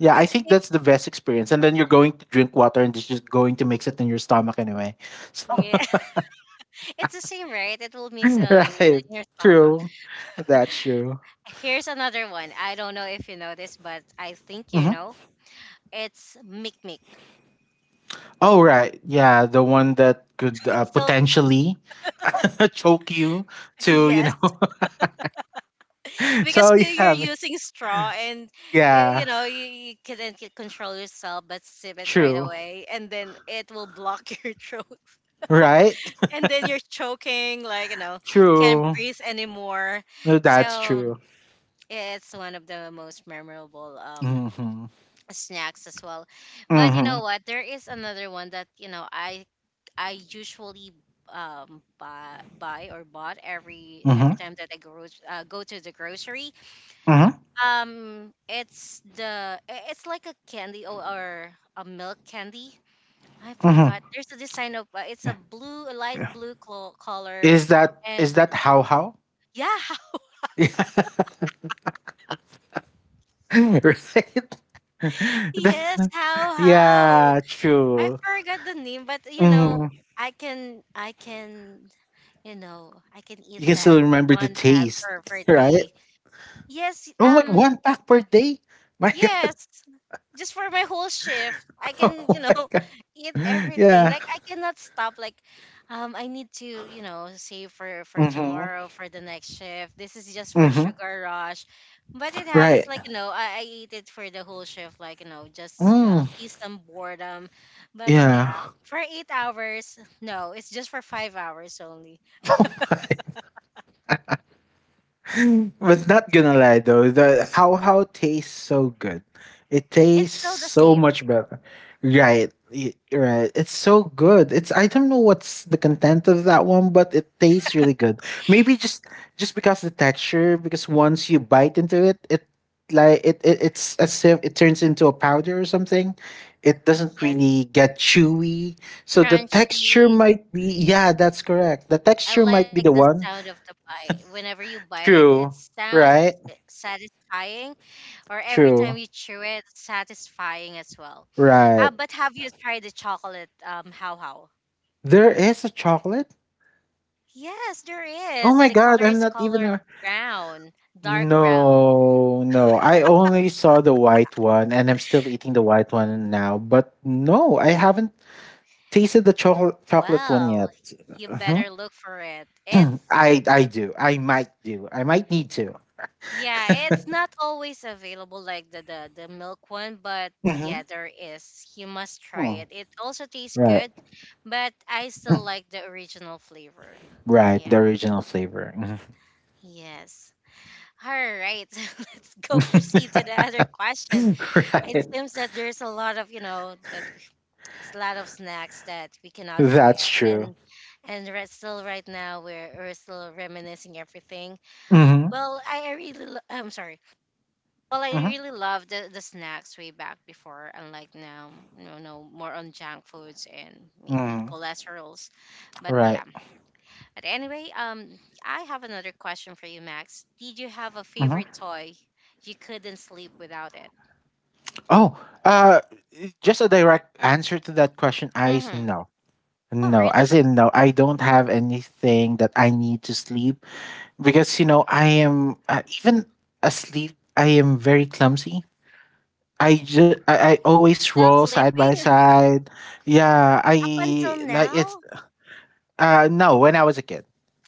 [SPEAKER 2] Yeah, I
[SPEAKER 1] It's
[SPEAKER 2] think
[SPEAKER 1] it,
[SPEAKER 2] that's the best experience. And then you're going to drink water and it's just going to mix it in your stomach anyway. So,
[SPEAKER 1] yeah, it's the same, right? It will mix
[SPEAKER 2] right.
[SPEAKER 1] in your stomach.
[SPEAKER 2] True. That's true.
[SPEAKER 1] Here's another one. I don't know if you know this, but I think you
[SPEAKER 2] Mhm.
[SPEAKER 1] know. It's mic mic.
[SPEAKER 2] Oh, right. Yeah, the one that could
[SPEAKER 1] It's still
[SPEAKER 2] potentially choke you to, you
[SPEAKER 1] yes,
[SPEAKER 2] know.
[SPEAKER 1] because
[SPEAKER 2] So yeah,
[SPEAKER 1] you're
[SPEAKER 2] I mean,
[SPEAKER 1] using straw, and you
[SPEAKER 2] yeah,
[SPEAKER 1] know you, you couldn't control yourself but sip it right
[SPEAKER 2] true.
[SPEAKER 1] away, and then it will block your throat.
[SPEAKER 2] Right?
[SPEAKER 1] And then you're choking, like, you know, can't
[SPEAKER 2] True.
[SPEAKER 1] breathe anymore.
[SPEAKER 2] No, that's
[SPEAKER 1] So
[SPEAKER 2] true.
[SPEAKER 1] it's one of the most memorable
[SPEAKER 2] Mhm.
[SPEAKER 1] snacks as well. But you
[SPEAKER 2] Mhm.
[SPEAKER 1] know what? There is another one that, you know, I usually buy, buy or bought every
[SPEAKER 2] Mhm.
[SPEAKER 1] time that I go go to the grocery.
[SPEAKER 2] Mhm.
[SPEAKER 1] It's it's like a candy, or a milk candy. I
[SPEAKER 2] Mhm.
[SPEAKER 1] forgot. There's a design of it's a blue, a light
[SPEAKER 2] Yeah.
[SPEAKER 1] blue color.
[SPEAKER 2] Is that
[SPEAKER 1] And
[SPEAKER 2] how how?
[SPEAKER 1] yeah,
[SPEAKER 2] Right?
[SPEAKER 1] yes, how how.
[SPEAKER 2] Yeah,
[SPEAKER 1] I
[SPEAKER 2] true.
[SPEAKER 1] forgot the name, but you know,
[SPEAKER 2] Mhm.
[SPEAKER 1] I can you know, I can eat
[SPEAKER 2] You can still
[SPEAKER 1] that
[SPEAKER 2] remember
[SPEAKER 1] one
[SPEAKER 2] the
[SPEAKER 1] bag for
[SPEAKER 2] taste,
[SPEAKER 1] a day.
[SPEAKER 2] right?
[SPEAKER 1] Yes,
[SPEAKER 2] Oh my,
[SPEAKER 1] um,
[SPEAKER 2] one pack per day? My God.
[SPEAKER 1] yes, just for my whole shift, I can, you
[SPEAKER 2] Oh
[SPEAKER 1] know,
[SPEAKER 2] my God.
[SPEAKER 1] eat everything.
[SPEAKER 2] Yeah.
[SPEAKER 1] Like I cannot stop. Like, I need to, you know, save for
[SPEAKER 2] Mm-hmm.
[SPEAKER 1] tomorrow for the next shift. This is just for
[SPEAKER 2] Mm-hmm.
[SPEAKER 1] sugar rush, but it happens.
[SPEAKER 2] Right.
[SPEAKER 1] Like you know, I eat it for the whole shift. Like you know, just
[SPEAKER 2] Mm.
[SPEAKER 1] ease some boredom. But
[SPEAKER 2] Yeah.
[SPEAKER 1] yeah, for 8 hours, no, it's just for 5 hours only.
[SPEAKER 2] But not gonna lie though, the how tastes so good. It tastes
[SPEAKER 1] It's still the
[SPEAKER 2] so
[SPEAKER 1] same.
[SPEAKER 2] much better. Right, right. It's so good. It's I don't know what's the content of that one, but it tastes really good. Maybe just because the texture, because once you bite into it, it it's as if it turns into a powder or something. It doesn't
[SPEAKER 1] Yes,
[SPEAKER 2] really get chewy. So the
[SPEAKER 1] crunchy.
[SPEAKER 2] texture might be yeah, that's correct. The
[SPEAKER 1] I
[SPEAKER 2] texture might
[SPEAKER 1] like
[SPEAKER 2] be
[SPEAKER 1] the
[SPEAKER 2] the one.
[SPEAKER 1] sound of the bite. Whenever you bite it, it
[SPEAKER 2] True.
[SPEAKER 1] sounds
[SPEAKER 2] Right?
[SPEAKER 1] eh, satisfying, or every time
[SPEAKER 2] True.
[SPEAKER 1] you chew it, satisfying as well.
[SPEAKER 2] Right.
[SPEAKER 1] But have you tried the chocolate how how?
[SPEAKER 2] There is a chocolate?
[SPEAKER 1] Yes, there
[SPEAKER 2] Oh
[SPEAKER 1] is.
[SPEAKER 2] my
[SPEAKER 1] The
[SPEAKER 2] god,
[SPEAKER 1] color
[SPEAKER 2] I'm
[SPEAKER 1] is
[SPEAKER 2] not even
[SPEAKER 1] color
[SPEAKER 2] a
[SPEAKER 1] brown, dark brown.
[SPEAKER 2] no, no. I only saw the white one and I'm still eating the white one now, but no, I haven't tasted the chocolate one yet.
[SPEAKER 1] Well, you
[SPEAKER 2] Mhm.
[SPEAKER 1] better look for it. It's
[SPEAKER 2] I might do. I might need to.
[SPEAKER 1] yeah, it's not always available like the the milk one, but yeah,
[SPEAKER 2] Mhm.
[SPEAKER 1] there is. You must try
[SPEAKER 2] Hmm.
[SPEAKER 1] it. It also tastes
[SPEAKER 2] Right.
[SPEAKER 1] good, but I still like the original flavor.
[SPEAKER 2] Right, the
[SPEAKER 1] Yeah.
[SPEAKER 2] original flavor.
[SPEAKER 1] Yes. All right. Let's
[SPEAKER 2] Mhm.
[SPEAKER 1] go proceed to the other question. It
[SPEAKER 2] Right.
[SPEAKER 1] seems that there's a lot of, you know, it's a lot of snacks that we cannot
[SPEAKER 2] That's
[SPEAKER 1] forget.
[SPEAKER 2] true.
[SPEAKER 1] And right, still right now we're still reminiscing everything.
[SPEAKER 2] Mhm.
[SPEAKER 1] Well, I'm sorry. Well, I
[SPEAKER 2] Mhm.
[SPEAKER 1] really loved the snacks way back before, unlike now, no, no, more on junk foods and maybe
[SPEAKER 2] Mm.
[SPEAKER 1] cholesterols. But yeah.
[SPEAKER 2] Right.
[SPEAKER 1] But anyway, I have another question for you, Max. Did you have a
[SPEAKER 2] Mhm.
[SPEAKER 1] favorite toy? You couldn't sleep without it.
[SPEAKER 2] Oh, uh, just a direct answer to that question.
[SPEAKER 1] Mm-hmm.
[SPEAKER 2] No,
[SPEAKER 1] Oh,
[SPEAKER 2] no,
[SPEAKER 1] really?
[SPEAKER 2] as in no, I don't have anything that I need to sleep because you know I am even asleep I am very clumsy. I, ju- I always
[SPEAKER 1] Still
[SPEAKER 2] roll side by
[SPEAKER 1] sleeping
[SPEAKER 2] side. Yeah,
[SPEAKER 1] up
[SPEAKER 2] I
[SPEAKER 1] until
[SPEAKER 2] like it's
[SPEAKER 1] now?
[SPEAKER 2] no, when I was a kid,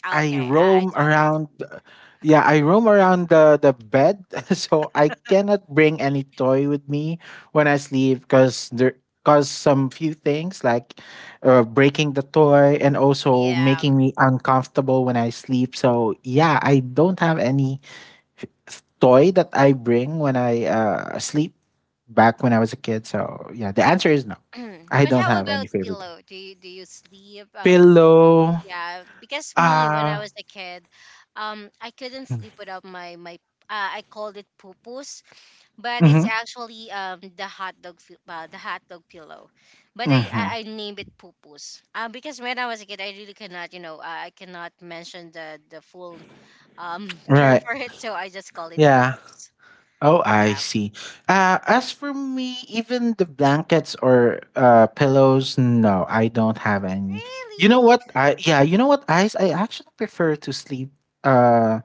[SPEAKER 1] Ah,
[SPEAKER 2] I
[SPEAKER 1] okay, I
[SPEAKER 2] roam
[SPEAKER 1] thought that.
[SPEAKER 2] around yeah, I roam around the bed, so I cannot bring any toy with me when I sleep because there cause some few things like breaking the toy and also
[SPEAKER 1] Yeah.
[SPEAKER 2] making me uncomfortable when I sleep. So yeah, I don't have any toy that I bring when I sleep back when I was a kid. So yeah, the answer is no. I
[SPEAKER 1] But
[SPEAKER 2] don't
[SPEAKER 1] how
[SPEAKER 2] have any
[SPEAKER 1] about
[SPEAKER 2] favorite
[SPEAKER 1] pillow? Do you sleep?
[SPEAKER 2] pillow.
[SPEAKER 1] Yeah, because me when I
[SPEAKER 2] Uh,
[SPEAKER 1] was a kid, I couldn't sleep
[SPEAKER 2] mm-hmm,
[SPEAKER 1] without my. I called it pupus, but it's
[SPEAKER 2] mm-hmm.
[SPEAKER 1] actually the the hot dog pillow, but
[SPEAKER 2] Mm-hmm.
[SPEAKER 1] I named it pupus. Because when I was a kid, I really cannot you know I cannot mention the full term
[SPEAKER 2] Right.
[SPEAKER 1] for it, so I just call it
[SPEAKER 2] Yeah.
[SPEAKER 1] pupus.
[SPEAKER 2] Oh, I
[SPEAKER 1] Yeah,
[SPEAKER 2] see. As for me, even the blankets or pillows, no, I don't have any. You know
[SPEAKER 1] really?
[SPEAKER 2] what? I yeah, you know what, Ice? I actually prefer to sleep uh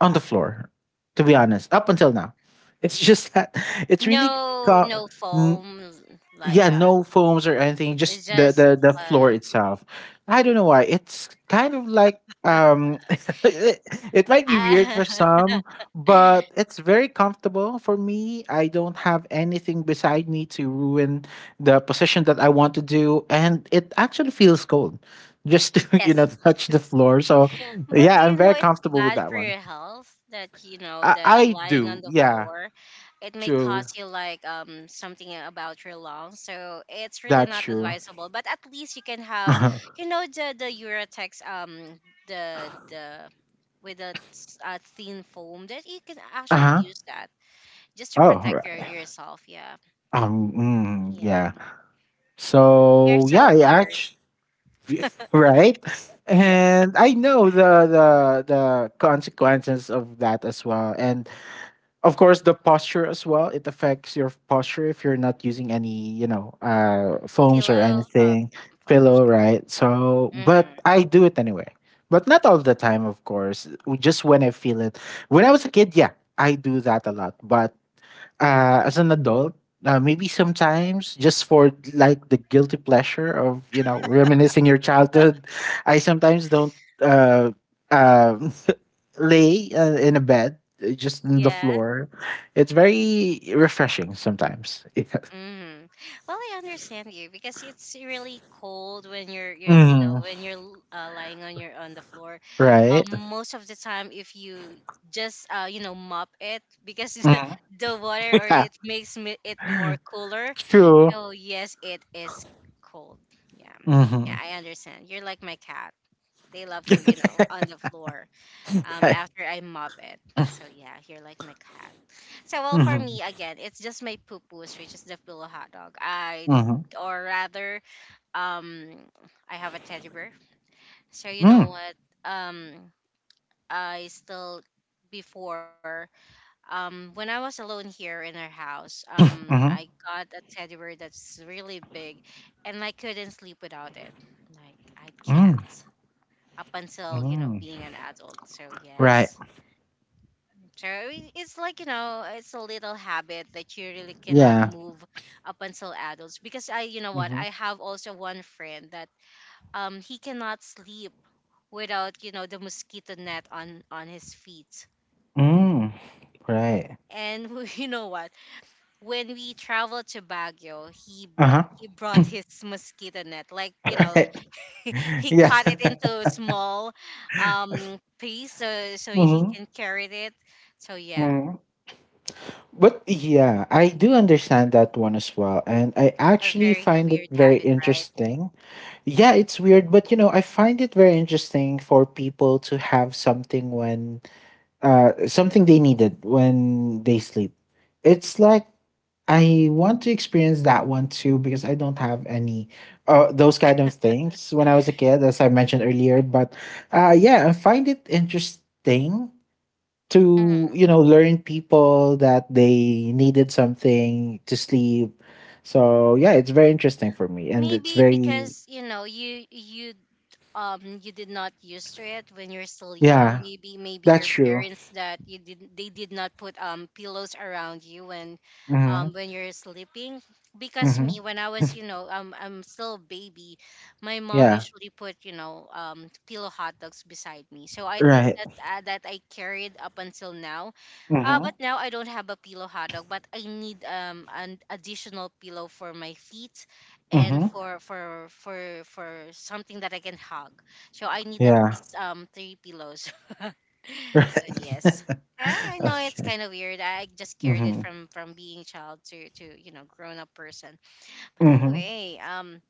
[SPEAKER 2] on the floor, to be honest, up until now. It's just that it's really
[SPEAKER 1] No,
[SPEAKER 2] calm,
[SPEAKER 1] no foam like
[SPEAKER 2] yeah,
[SPEAKER 1] that.
[SPEAKER 2] no foams or anything, just
[SPEAKER 1] It's just
[SPEAKER 2] the floor
[SPEAKER 1] uh.
[SPEAKER 2] itself. I don't know why, it's kind of like it, it might be weird for some, but it's very comfortable for me. I don't have anything beside me to ruin the position that I want to do, and it actually feels cold just to you know
[SPEAKER 1] Yes,
[SPEAKER 2] touch the
[SPEAKER 1] yes.
[SPEAKER 2] floor. So
[SPEAKER 1] But do
[SPEAKER 2] yeah, I'm
[SPEAKER 1] you know
[SPEAKER 2] very
[SPEAKER 1] it's
[SPEAKER 2] comfortable with
[SPEAKER 1] bad
[SPEAKER 2] that
[SPEAKER 1] for
[SPEAKER 2] one.
[SPEAKER 1] your health that you know that
[SPEAKER 2] I
[SPEAKER 1] lying on
[SPEAKER 2] do,
[SPEAKER 1] the
[SPEAKER 2] yeah.
[SPEAKER 1] floor, it may
[SPEAKER 2] True,
[SPEAKER 1] cause you like something about your lungs. So it's really
[SPEAKER 2] that's
[SPEAKER 1] not
[SPEAKER 2] true.
[SPEAKER 1] advisable. But at least you can have, you know, the Uratex the with a thin foam that you can actually
[SPEAKER 2] Uh-huh.
[SPEAKER 1] use that just to
[SPEAKER 2] Oh,
[SPEAKER 1] protect your yourself. Yeah,
[SPEAKER 2] um, mm,
[SPEAKER 1] yeah.
[SPEAKER 2] yeah.
[SPEAKER 1] You're
[SPEAKER 2] So yeah,
[SPEAKER 1] so
[SPEAKER 2] I
[SPEAKER 1] weird.
[SPEAKER 2] actually right, and I know the consequences of that as well, and of course the posture as well. It affects your posture if you're not using any foams or
[SPEAKER 1] Pillow of
[SPEAKER 2] anything,
[SPEAKER 1] foams.
[SPEAKER 2] pillow, right? So,
[SPEAKER 1] Yeah.
[SPEAKER 2] but
[SPEAKER 1] Mm-hmm.
[SPEAKER 2] I do it anyway. But not all the time, of course. Just when I feel it. When I was a kid, yeah, I do that a lot. But as an adult, maybe sometimes just for like the guilty pleasure of reminiscing your childhood, I sometimes don't uh, um lay in a bed, just on the
[SPEAKER 1] Yeah.
[SPEAKER 2] floor. It's very refreshing sometimes.
[SPEAKER 1] Mm. Well, I understand you because it's really cold when you know
[SPEAKER 2] Yeah.
[SPEAKER 1] when you're lying on your on the floor.
[SPEAKER 2] Hmm. Right?
[SPEAKER 1] Most of the time, if you just you know mop it, because
[SPEAKER 2] Hmm.
[SPEAKER 1] the water or
[SPEAKER 2] Yeah,
[SPEAKER 1] it makes me, it more cooler.
[SPEAKER 2] true.
[SPEAKER 1] So yes, it is cold. Yeah,
[SPEAKER 2] Hmm.
[SPEAKER 1] yeah, I understand. You're like my cat. They love to you know on the floor after I mop it. So yeah, you're like my cat. So well,
[SPEAKER 2] Hmm.
[SPEAKER 1] for me
[SPEAKER 2] Hmm.
[SPEAKER 1] again, it's just my poo-poos, which is the pillow hot dog. I
[SPEAKER 2] Mm.
[SPEAKER 1] or rather, um, I have a teddy bear. So you know what? Um, I still before when I was alone here in our house,
[SPEAKER 2] Hmm.
[SPEAKER 1] I got a teddy bear that's really big, and I couldn't sleep without it. Like I
[SPEAKER 2] Mm.
[SPEAKER 1] can't up until you know
[SPEAKER 2] Mm.
[SPEAKER 1] being an adult. So
[SPEAKER 2] Right.
[SPEAKER 1] yes. Sure, I- It's like, you know, it's a little habit that you really cannot
[SPEAKER 2] Yeah.
[SPEAKER 1] move up until adults. Because I, you know what,
[SPEAKER 2] Hmm.
[SPEAKER 1] I have also one friend that he cannot sleep without, you know, the mosquito net on his feet.
[SPEAKER 2] Mm. Right.
[SPEAKER 1] And you know what? When we traveled to Baguio,
[SPEAKER 2] Uh-huh.
[SPEAKER 1] he brought his mosquito net. Like, you know,
[SPEAKER 2] Right.
[SPEAKER 1] he
[SPEAKER 2] Yeah.
[SPEAKER 1] cut it into a small piece so he
[SPEAKER 2] Hmm.
[SPEAKER 1] can carry it. So yeah,
[SPEAKER 2] Hmm. But yeah, I do understand that one as well. And I
[SPEAKER 1] a
[SPEAKER 2] actually
[SPEAKER 1] very
[SPEAKER 2] find it
[SPEAKER 1] weird
[SPEAKER 2] very
[SPEAKER 1] habit, right?
[SPEAKER 2] interesting. Yeah, it's weird, but I find it very interesting for people to have something when something they needed when they sleep. It's like I want to experience that one too because I don't have any those kind of things when I was a kid, as I mentioned earlier. But yeah, I find it interesting to
[SPEAKER 1] Mm.
[SPEAKER 2] learn people that they needed something to sleep so yeah it's very interesting for me and it's
[SPEAKER 1] Maybe
[SPEAKER 2] very
[SPEAKER 1] because you know you you did not used to it when you're still young.
[SPEAKER 2] yeah,
[SPEAKER 1] Maybe
[SPEAKER 2] that's
[SPEAKER 1] your
[SPEAKER 2] true.
[SPEAKER 1] parents that you did they did not put pillows around you
[SPEAKER 2] Mm-hmm.
[SPEAKER 1] when you're sleeping. Because
[SPEAKER 2] Mm-hmm.
[SPEAKER 1] me when I was I'm still a baby, my mom
[SPEAKER 2] Yeah,
[SPEAKER 1] usually put pillow hot dogs beside me. So I think
[SPEAKER 2] right.
[SPEAKER 1] that's that I carried up until now.
[SPEAKER 2] Mm-hmm.
[SPEAKER 1] But now I don't have a pillow hot dog, but I need an additional pillow for my feet and
[SPEAKER 2] Mm-hmm.
[SPEAKER 1] for something that I can hug. So I need at
[SPEAKER 2] Yeah.
[SPEAKER 1] least three pillows.
[SPEAKER 2] Right.
[SPEAKER 1] So yes. I know it's
[SPEAKER 2] Okay.
[SPEAKER 1] kind of weird. I just carried it
[SPEAKER 2] Mm-hmm.
[SPEAKER 1] from being child to grown up person. But
[SPEAKER 2] Mm-hmm.
[SPEAKER 1] anyway,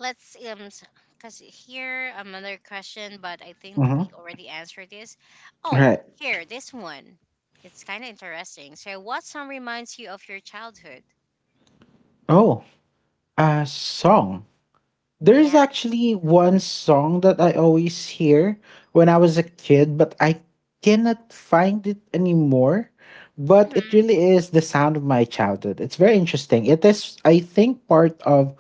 [SPEAKER 1] let's because here, another question, but I think that we
[SPEAKER 2] Mm-hmm.
[SPEAKER 1] already answered this. Oh,
[SPEAKER 2] Right.
[SPEAKER 1] here this one. It's kind of interesting. So, what song reminds you of your childhood?
[SPEAKER 2] Oh, a song. There's
[SPEAKER 1] Yeah.
[SPEAKER 2] actually one song that I always hear when I was a kid, but I cannot find it anymore. But it
[SPEAKER 1] Mhm.
[SPEAKER 2] really is the sound of my childhood. It's very interesting. It is, I think, part of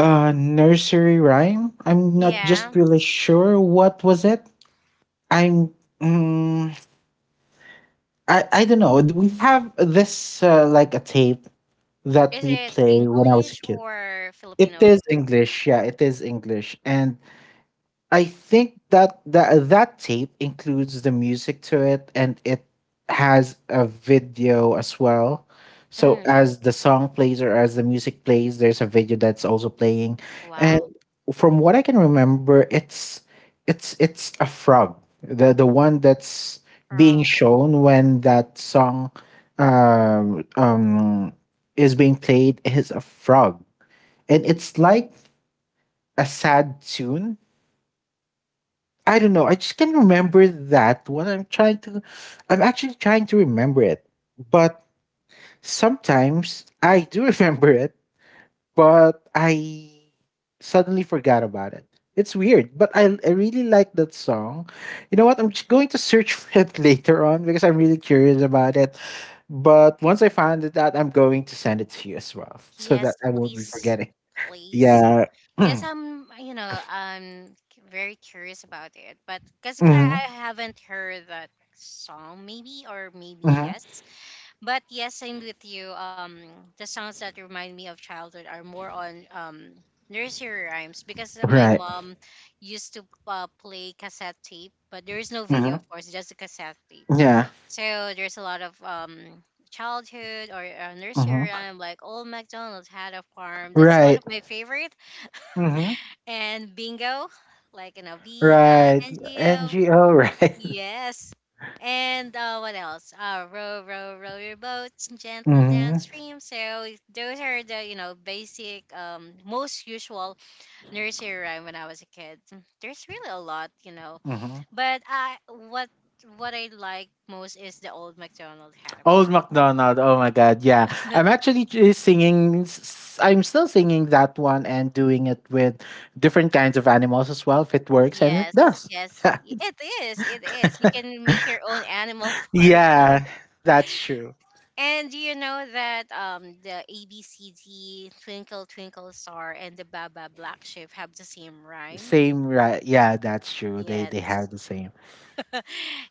[SPEAKER 2] a nursery rhyme. I'm not just
[SPEAKER 1] Yeah.
[SPEAKER 2] really sure what was it. I'm, mm, I don't know. We have this like a tape that
[SPEAKER 1] Is
[SPEAKER 2] we
[SPEAKER 1] it
[SPEAKER 2] play when I was a
[SPEAKER 1] English
[SPEAKER 2] kid.
[SPEAKER 1] or
[SPEAKER 2] It
[SPEAKER 1] Filipino?
[SPEAKER 2] is English, yeah, it is English, and I think that that tape includes the music to it, and it has a video as well. So
[SPEAKER 1] Mm,
[SPEAKER 2] as the song plays or as the music plays, there's a video that's also playing. And
[SPEAKER 1] wow,
[SPEAKER 2] from what I can remember, it's a frog, the one that's being
[SPEAKER 1] frog.
[SPEAKER 2] shown when that song um, um, is being played is a frog, and it's like a sad tune. I don't know. I just can remember that. What I'm trying to, I'm actually trying to remember it. But sometimes I do remember it, but I suddenly forgot about it. It's weird, but I really like that song. You know what? I'm just going to search for it later on because I'm really curious about it. But once I find it out, I'm going to send it to you as well so that
[SPEAKER 1] Yes,
[SPEAKER 2] I won't be
[SPEAKER 1] please,
[SPEAKER 2] forgetting.
[SPEAKER 1] please.
[SPEAKER 2] Yeah.
[SPEAKER 1] Cause
[SPEAKER 2] Hmm.
[SPEAKER 1] I'm, you know, I'm very curious about it, but cause I haven't heard that song, maybe or maybe
[SPEAKER 2] Hmm.
[SPEAKER 1] yes. But yes, I'm with you. The songs that remind me of childhood are more on nursery rhymes because my
[SPEAKER 2] Right.
[SPEAKER 1] mom used to play cassette tape, but there is no
[SPEAKER 2] Hmm.
[SPEAKER 1] video, of course, just a cassette tape.
[SPEAKER 2] Yeah.
[SPEAKER 1] So there's a lot of childhood or nursery
[SPEAKER 2] Hmm.
[SPEAKER 1] rhyme like Old MacDonald Had a Farm. That's one of
[SPEAKER 2] Right.
[SPEAKER 1] my favorite.
[SPEAKER 2] Mhm.
[SPEAKER 1] And Bingo, like B I
[SPEAKER 2] Right.
[SPEAKER 1] N G O.
[SPEAKER 2] NGO, right?
[SPEAKER 1] Yes. And what else? Row, Row, Row Your Boats Gently
[SPEAKER 2] Mm-hmm.
[SPEAKER 1] Downstream. So those are the basic, most usual nursery rhyme when I was a kid. Mm, there's really a lot, you know,
[SPEAKER 2] Mm-hmm.
[SPEAKER 1] but I what I like most is the Old McDonald Hatter
[SPEAKER 2] Old
[SPEAKER 1] Park.
[SPEAKER 2] MacDonald. Oh my God. Yeah. I'm actually singing. I'm still singing that one and doing it with different kinds of animals as well, if it works, and it
[SPEAKER 1] Yes,
[SPEAKER 2] does.
[SPEAKER 1] yes, it is. It is. You can make your own animal farm.
[SPEAKER 2] Yeah, that's true.
[SPEAKER 1] And do you know that the ABCD Twinkle Twinkle Star and the Baba Black Sheep have the same rhyme?
[SPEAKER 2] Same, right? Yeah, that's true. They have
[SPEAKER 1] Yes.
[SPEAKER 2] the same.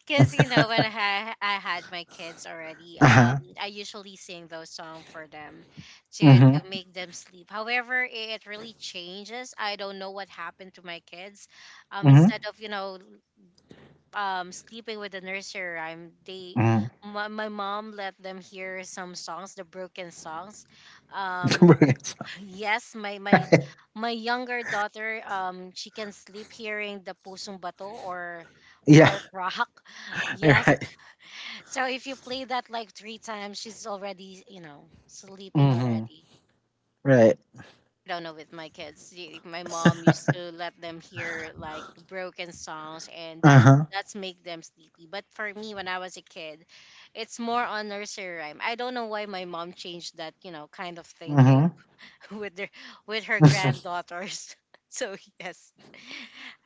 [SPEAKER 1] Because you know when I had my kids already,
[SPEAKER 2] Uh huh.
[SPEAKER 1] I usually sing those songs for them to
[SPEAKER 2] Mm-hmm.
[SPEAKER 1] to make them sleep. However, it really changes. I don't know what happened to my kids.
[SPEAKER 2] Mm-hmm.
[SPEAKER 1] Instead of sleeping with the nursery rhyme, they
[SPEAKER 2] Mm-hmm.
[SPEAKER 1] my, mom let them hear some songs, the broken songs. Um,
[SPEAKER 2] Bring it some.
[SPEAKER 1] Yes,
[SPEAKER 2] Right.
[SPEAKER 1] my younger daughter, she can sleep hearing the pusong bato or
[SPEAKER 2] Yeah.
[SPEAKER 1] heart rock. Yes.
[SPEAKER 2] Right.
[SPEAKER 1] So if you play that like three times, she's already, you know, sleeping
[SPEAKER 2] Mm-hmm.
[SPEAKER 1] already.
[SPEAKER 2] Right.
[SPEAKER 1] I don't know with my kids. My mom used to let them hear like broken songs and
[SPEAKER 2] Uh huh.
[SPEAKER 1] that's make them sleepy. But for me when I was a kid, it's more on nursery rhyme. I don't know why my mom changed that, you know, kind of
[SPEAKER 2] Mm-hmm.
[SPEAKER 1] thinking. With their with her
[SPEAKER 2] Mm-hmm.
[SPEAKER 1] granddaughters. So yes.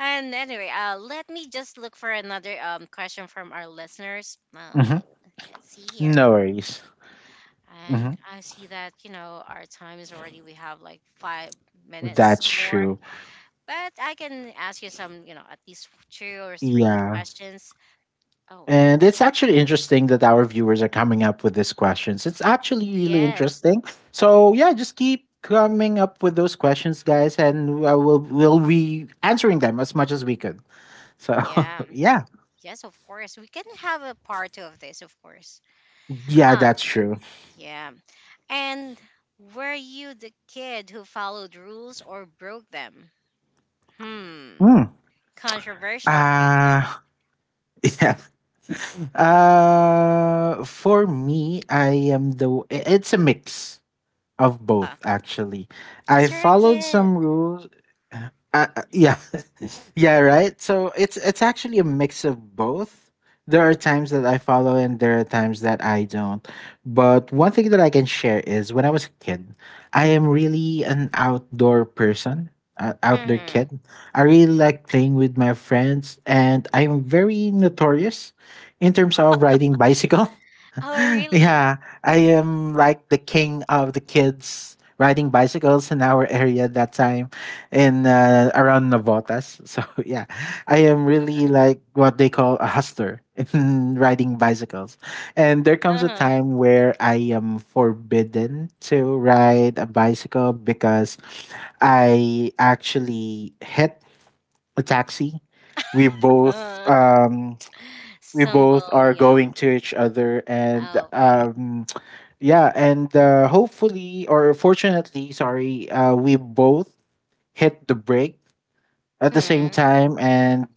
[SPEAKER 1] And anyway, let me just look for another question from our listeners. Let's see here.
[SPEAKER 2] No worries.
[SPEAKER 1] And
[SPEAKER 2] Hmm.
[SPEAKER 1] I see that you know our time is already. We have like 5 minutes
[SPEAKER 2] That's
[SPEAKER 1] more,
[SPEAKER 2] true.
[SPEAKER 1] but I can ask you some. You know, at least two or three
[SPEAKER 2] Yeah.
[SPEAKER 1] questions. Oh,
[SPEAKER 2] And it's actually interesting that our viewers are coming up with these questions. It's actually really
[SPEAKER 1] yes,
[SPEAKER 2] interesting. So, yeah, just keep coming up with those questions, guys, and we will be answering them as much as we could. So,
[SPEAKER 1] yeah,
[SPEAKER 2] yeah.
[SPEAKER 1] yes, of course. We can have a part two of this, of course.
[SPEAKER 2] Yeah,
[SPEAKER 1] Um,
[SPEAKER 2] that's true.
[SPEAKER 1] yeah. And were you the kid who followed rules or broke them? Hmm.
[SPEAKER 2] Mm.
[SPEAKER 1] Controversial
[SPEAKER 2] Uh,
[SPEAKER 1] question.
[SPEAKER 2] yeah. For me, I am the. It's a mix of both actually. I
[SPEAKER 1] Because you're a
[SPEAKER 2] followed
[SPEAKER 1] kid.
[SPEAKER 2] some rules, yeah. Yeah, right, so it's actually a mix of both. There are times that I follow and there are times that I don't. But one thing that I can share is when I was a kid, I am really an outdoor person, outdoor
[SPEAKER 1] Hmm.
[SPEAKER 2] kid. I really like playing with my friends and I'm very notorious in terms of riding bicycle.
[SPEAKER 1] Oh, really?
[SPEAKER 2] Yeah, I am like the king of the kids riding bicycles in our area that time in around Navotas. So yeah, I am really like what they call a hustler in riding bicycles. And there comes a
[SPEAKER 1] Uh-huh.
[SPEAKER 2] time where I am forbidden to ride a bicycle because I actually hit a taxi. We both
[SPEAKER 1] Uh-huh.
[SPEAKER 2] um, we both
[SPEAKER 1] Stumble,
[SPEAKER 2] are
[SPEAKER 1] yum.
[SPEAKER 2] going to each other and
[SPEAKER 1] Oh, okay.
[SPEAKER 2] yeah, and hopefully or fortunately, sorry, we both hit the brake at the same
[SPEAKER 1] Hmm.
[SPEAKER 2] time, and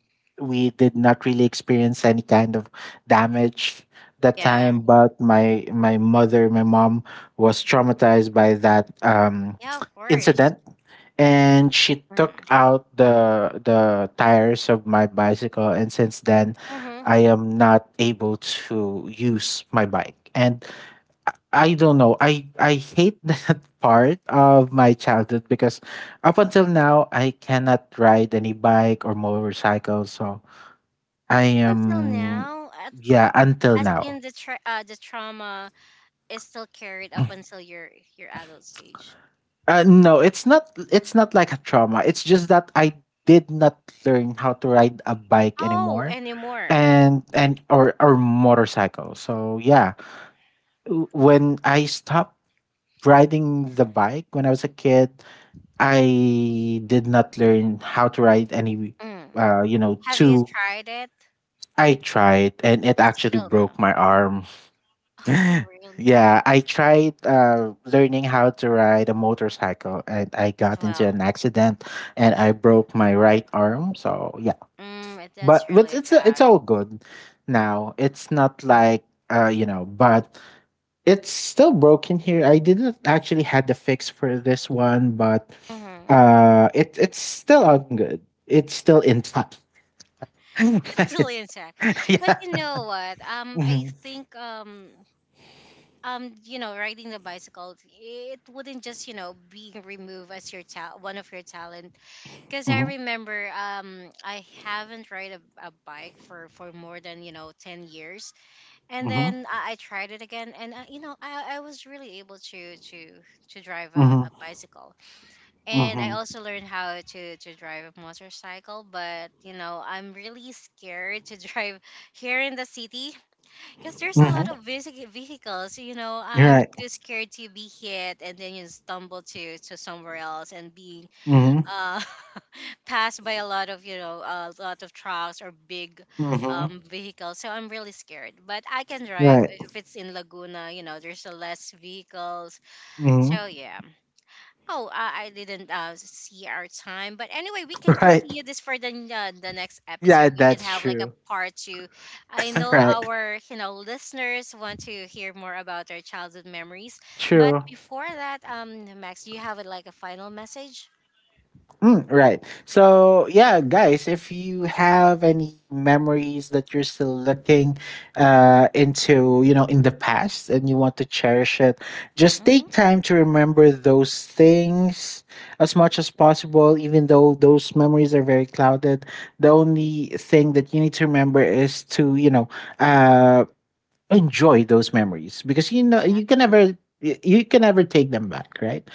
[SPEAKER 2] we did not really experience any kind of damage that
[SPEAKER 1] Yeah.
[SPEAKER 2] time. But my mom was traumatized by that
[SPEAKER 1] Yeah, of course.
[SPEAKER 2] incident, and she took
[SPEAKER 1] Hmm.
[SPEAKER 2] out the tires of my bicycle, and since then
[SPEAKER 1] Hmm.
[SPEAKER 2] I am not able to use my bike. And I don't know, I hate that part of my childhood because up until now I cannot ride any bike or motorcycle, so I
[SPEAKER 1] Until
[SPEAKER 2] am.
[SPEAKER 1] now, at,
[SPEAKER 2] Yeah, until
[SPEAKER 1] as
[SPEAKER 2] now.
[SPEAKER 1] in the trauma is still carried up until your adult stage.
[SPEAKER 2] No, it's not. It's not like a trauma. It's just that I did not learn how to ride a bike
[SPEAKER 1] Oh,
[SPEAKER 2] anymore,
[SPEAKER 1] anymore.
[SPEAKER 2] and or motorcycle. So yeah, when I stopped riding the bike when I was a kid, I did not learn how to ride any.
[SPEAKER 1] Mm. Have you
[SPEAKER 2] Two.
[SPEAKER 1] tried it?
[SPEAKER 2] I tried, and it actually
[SPEAKER 1] Still
[SPEAKER 2] broke
[SPEAKER 1] no.
[SPEAKER 2] my arm.
[SPEAKER 1] Oh, really?
[SPEAKER 2] Yeah, I tried learning how to ride a motorcycle and I
[SPEAKER 1] As
[SPEAKER 2] got into
[SPEAKER 1] well.
[SPEAKER 2] an accident and I broke my right arm. So, yeah.
[SPEAKER 1] Mm,
[SPEAKER 2] But
[SPEAKER 1] that's
[SPEAKER 2] but
[SPEAKER 1] really
[SPEAKER 2] it's
[SPEAKER 1] bad.
[SPEAKER 2] all good now. It's not
[SPEAKER 1] Mm.
[SPEAKER 2] like but it's still broken here. I didn't actually had the fix for this one, but
[SPEAKER 1] Hmm.
[SPEAKER 2] it's still on good. It's still intact.
[SPEAKER 1] It's
[SPEAKER 2] Yeah.
[SPEAKER 1] still intact. But you know what? I
[SPEAKER 2] Mhm.
[SPEAKER 1] think you know, riding the bicycle, it wouldn't just you know be removed as one of your talent. Because I
[SPEAKER 2] Mhm.
[SPEAKER 1] remember, I haven't ride a bike for more than you know 10 years, and
[SPEAKER 2] Mhm.
[SPEAKER 1] then I tried it again, and you know, I was really able to drive a
[SPEAKER 2] Mhm.
[SPEAKER 1] bicycle and I
[SPEAKER 2] Mhm.
[SPEAKER 1] also learned how to drive a motorcycle. But you know, I'm really scared to drive here in the city because there's a lot
[SPEAKER 2] Mhm.
[SPEAKER 1] of vehicles. You know, I'm
[SPEAKER 2] Right.
[SPEAKER 1] too scared to be hit and then you stumble to somewhere else and being
[SPEAKER 2] Mhm.
[SPEAKER 1] uh passed by a lot of a lot of trucks or big
[SPEAKER 2] Mhm.
[SPEAKER 1] vehicles. So I'm really scared. But I can drive
[SPEAKER 2] Right.
[SPEAKER 1] if it's in Laguna. You know, there's a less vehicles.
[SPEAKER 2] Mhm.
[SPEAKER 1] So yeah. Oh, I didn't see our time, but anyway, we can
[SPEAKER 2] Right.
[SPEAKER 1] continue this for the next
[SPEAKER 2] Yeah,
[SPEAKER 1] episode. We can
[SPEAKER 2] that's
[SPEAKER 1] have like a
[SPEAKER 2] true.
[SPEAKER 1] part two. I know
[SPEAKER 2] Right.
[SPEAKER 1] our you know listeners want to hear more about their childhood memories, but
[SPEAKER 2] True.
[SPEAKER 1] before that, Max, do you have like a final message?
[SPEAKER 2] Mm, right. So, yeah, guys, if you have any memories that you're still looking into, in the past and you want to cherish it, just
[SPEAKER 1] Mm-hmm.
[SPEAKER 2] take time to remember those things as much as possible, even though those memories are very clouded. The only thing that you need to remember is to, uh, enjoy those memories because you can
[SPEAKER 1] Exactly.
[SPEAKER 2] never you can never take them back, right,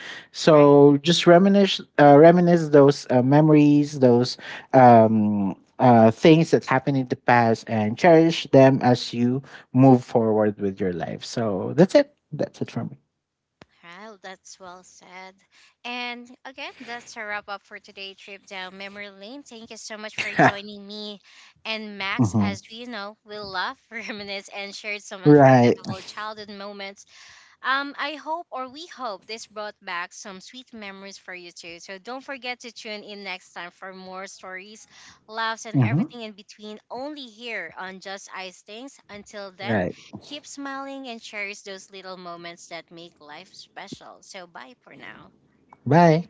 [SPEAKER 1] Right.
[SPEAKER 2] so just reminisce those memories, those things that happened in the past, and cherish them as you move forward with your life. So that's it for me.
[SPEAKER 1] Wow, that's well said. And again, that's a wrap up for today's trip down memory lane. Thank you so much for joining me and Max.
[SPEAKER 2] Mhm.
[SPEAKER 1] As we know, we laugh, reminisce, and shared some
[SPEAKER 2] Right.
[SPEAKER 1] unforgettable childhood moments. I hope or we hope this brought back some sweet memories for you too. So don't forget to tune in next time for more stories, laughs, and
[SPEAKER 2] Hmm.
[SPEAKER 1] everything in between only here on Just Ice Things. Until then,
[SPEAKER 2] Right.
[SPEAKER 1] keep smiling and cherish those little moments that make life special. So bye for now.
[SPEAKER 2] Bye.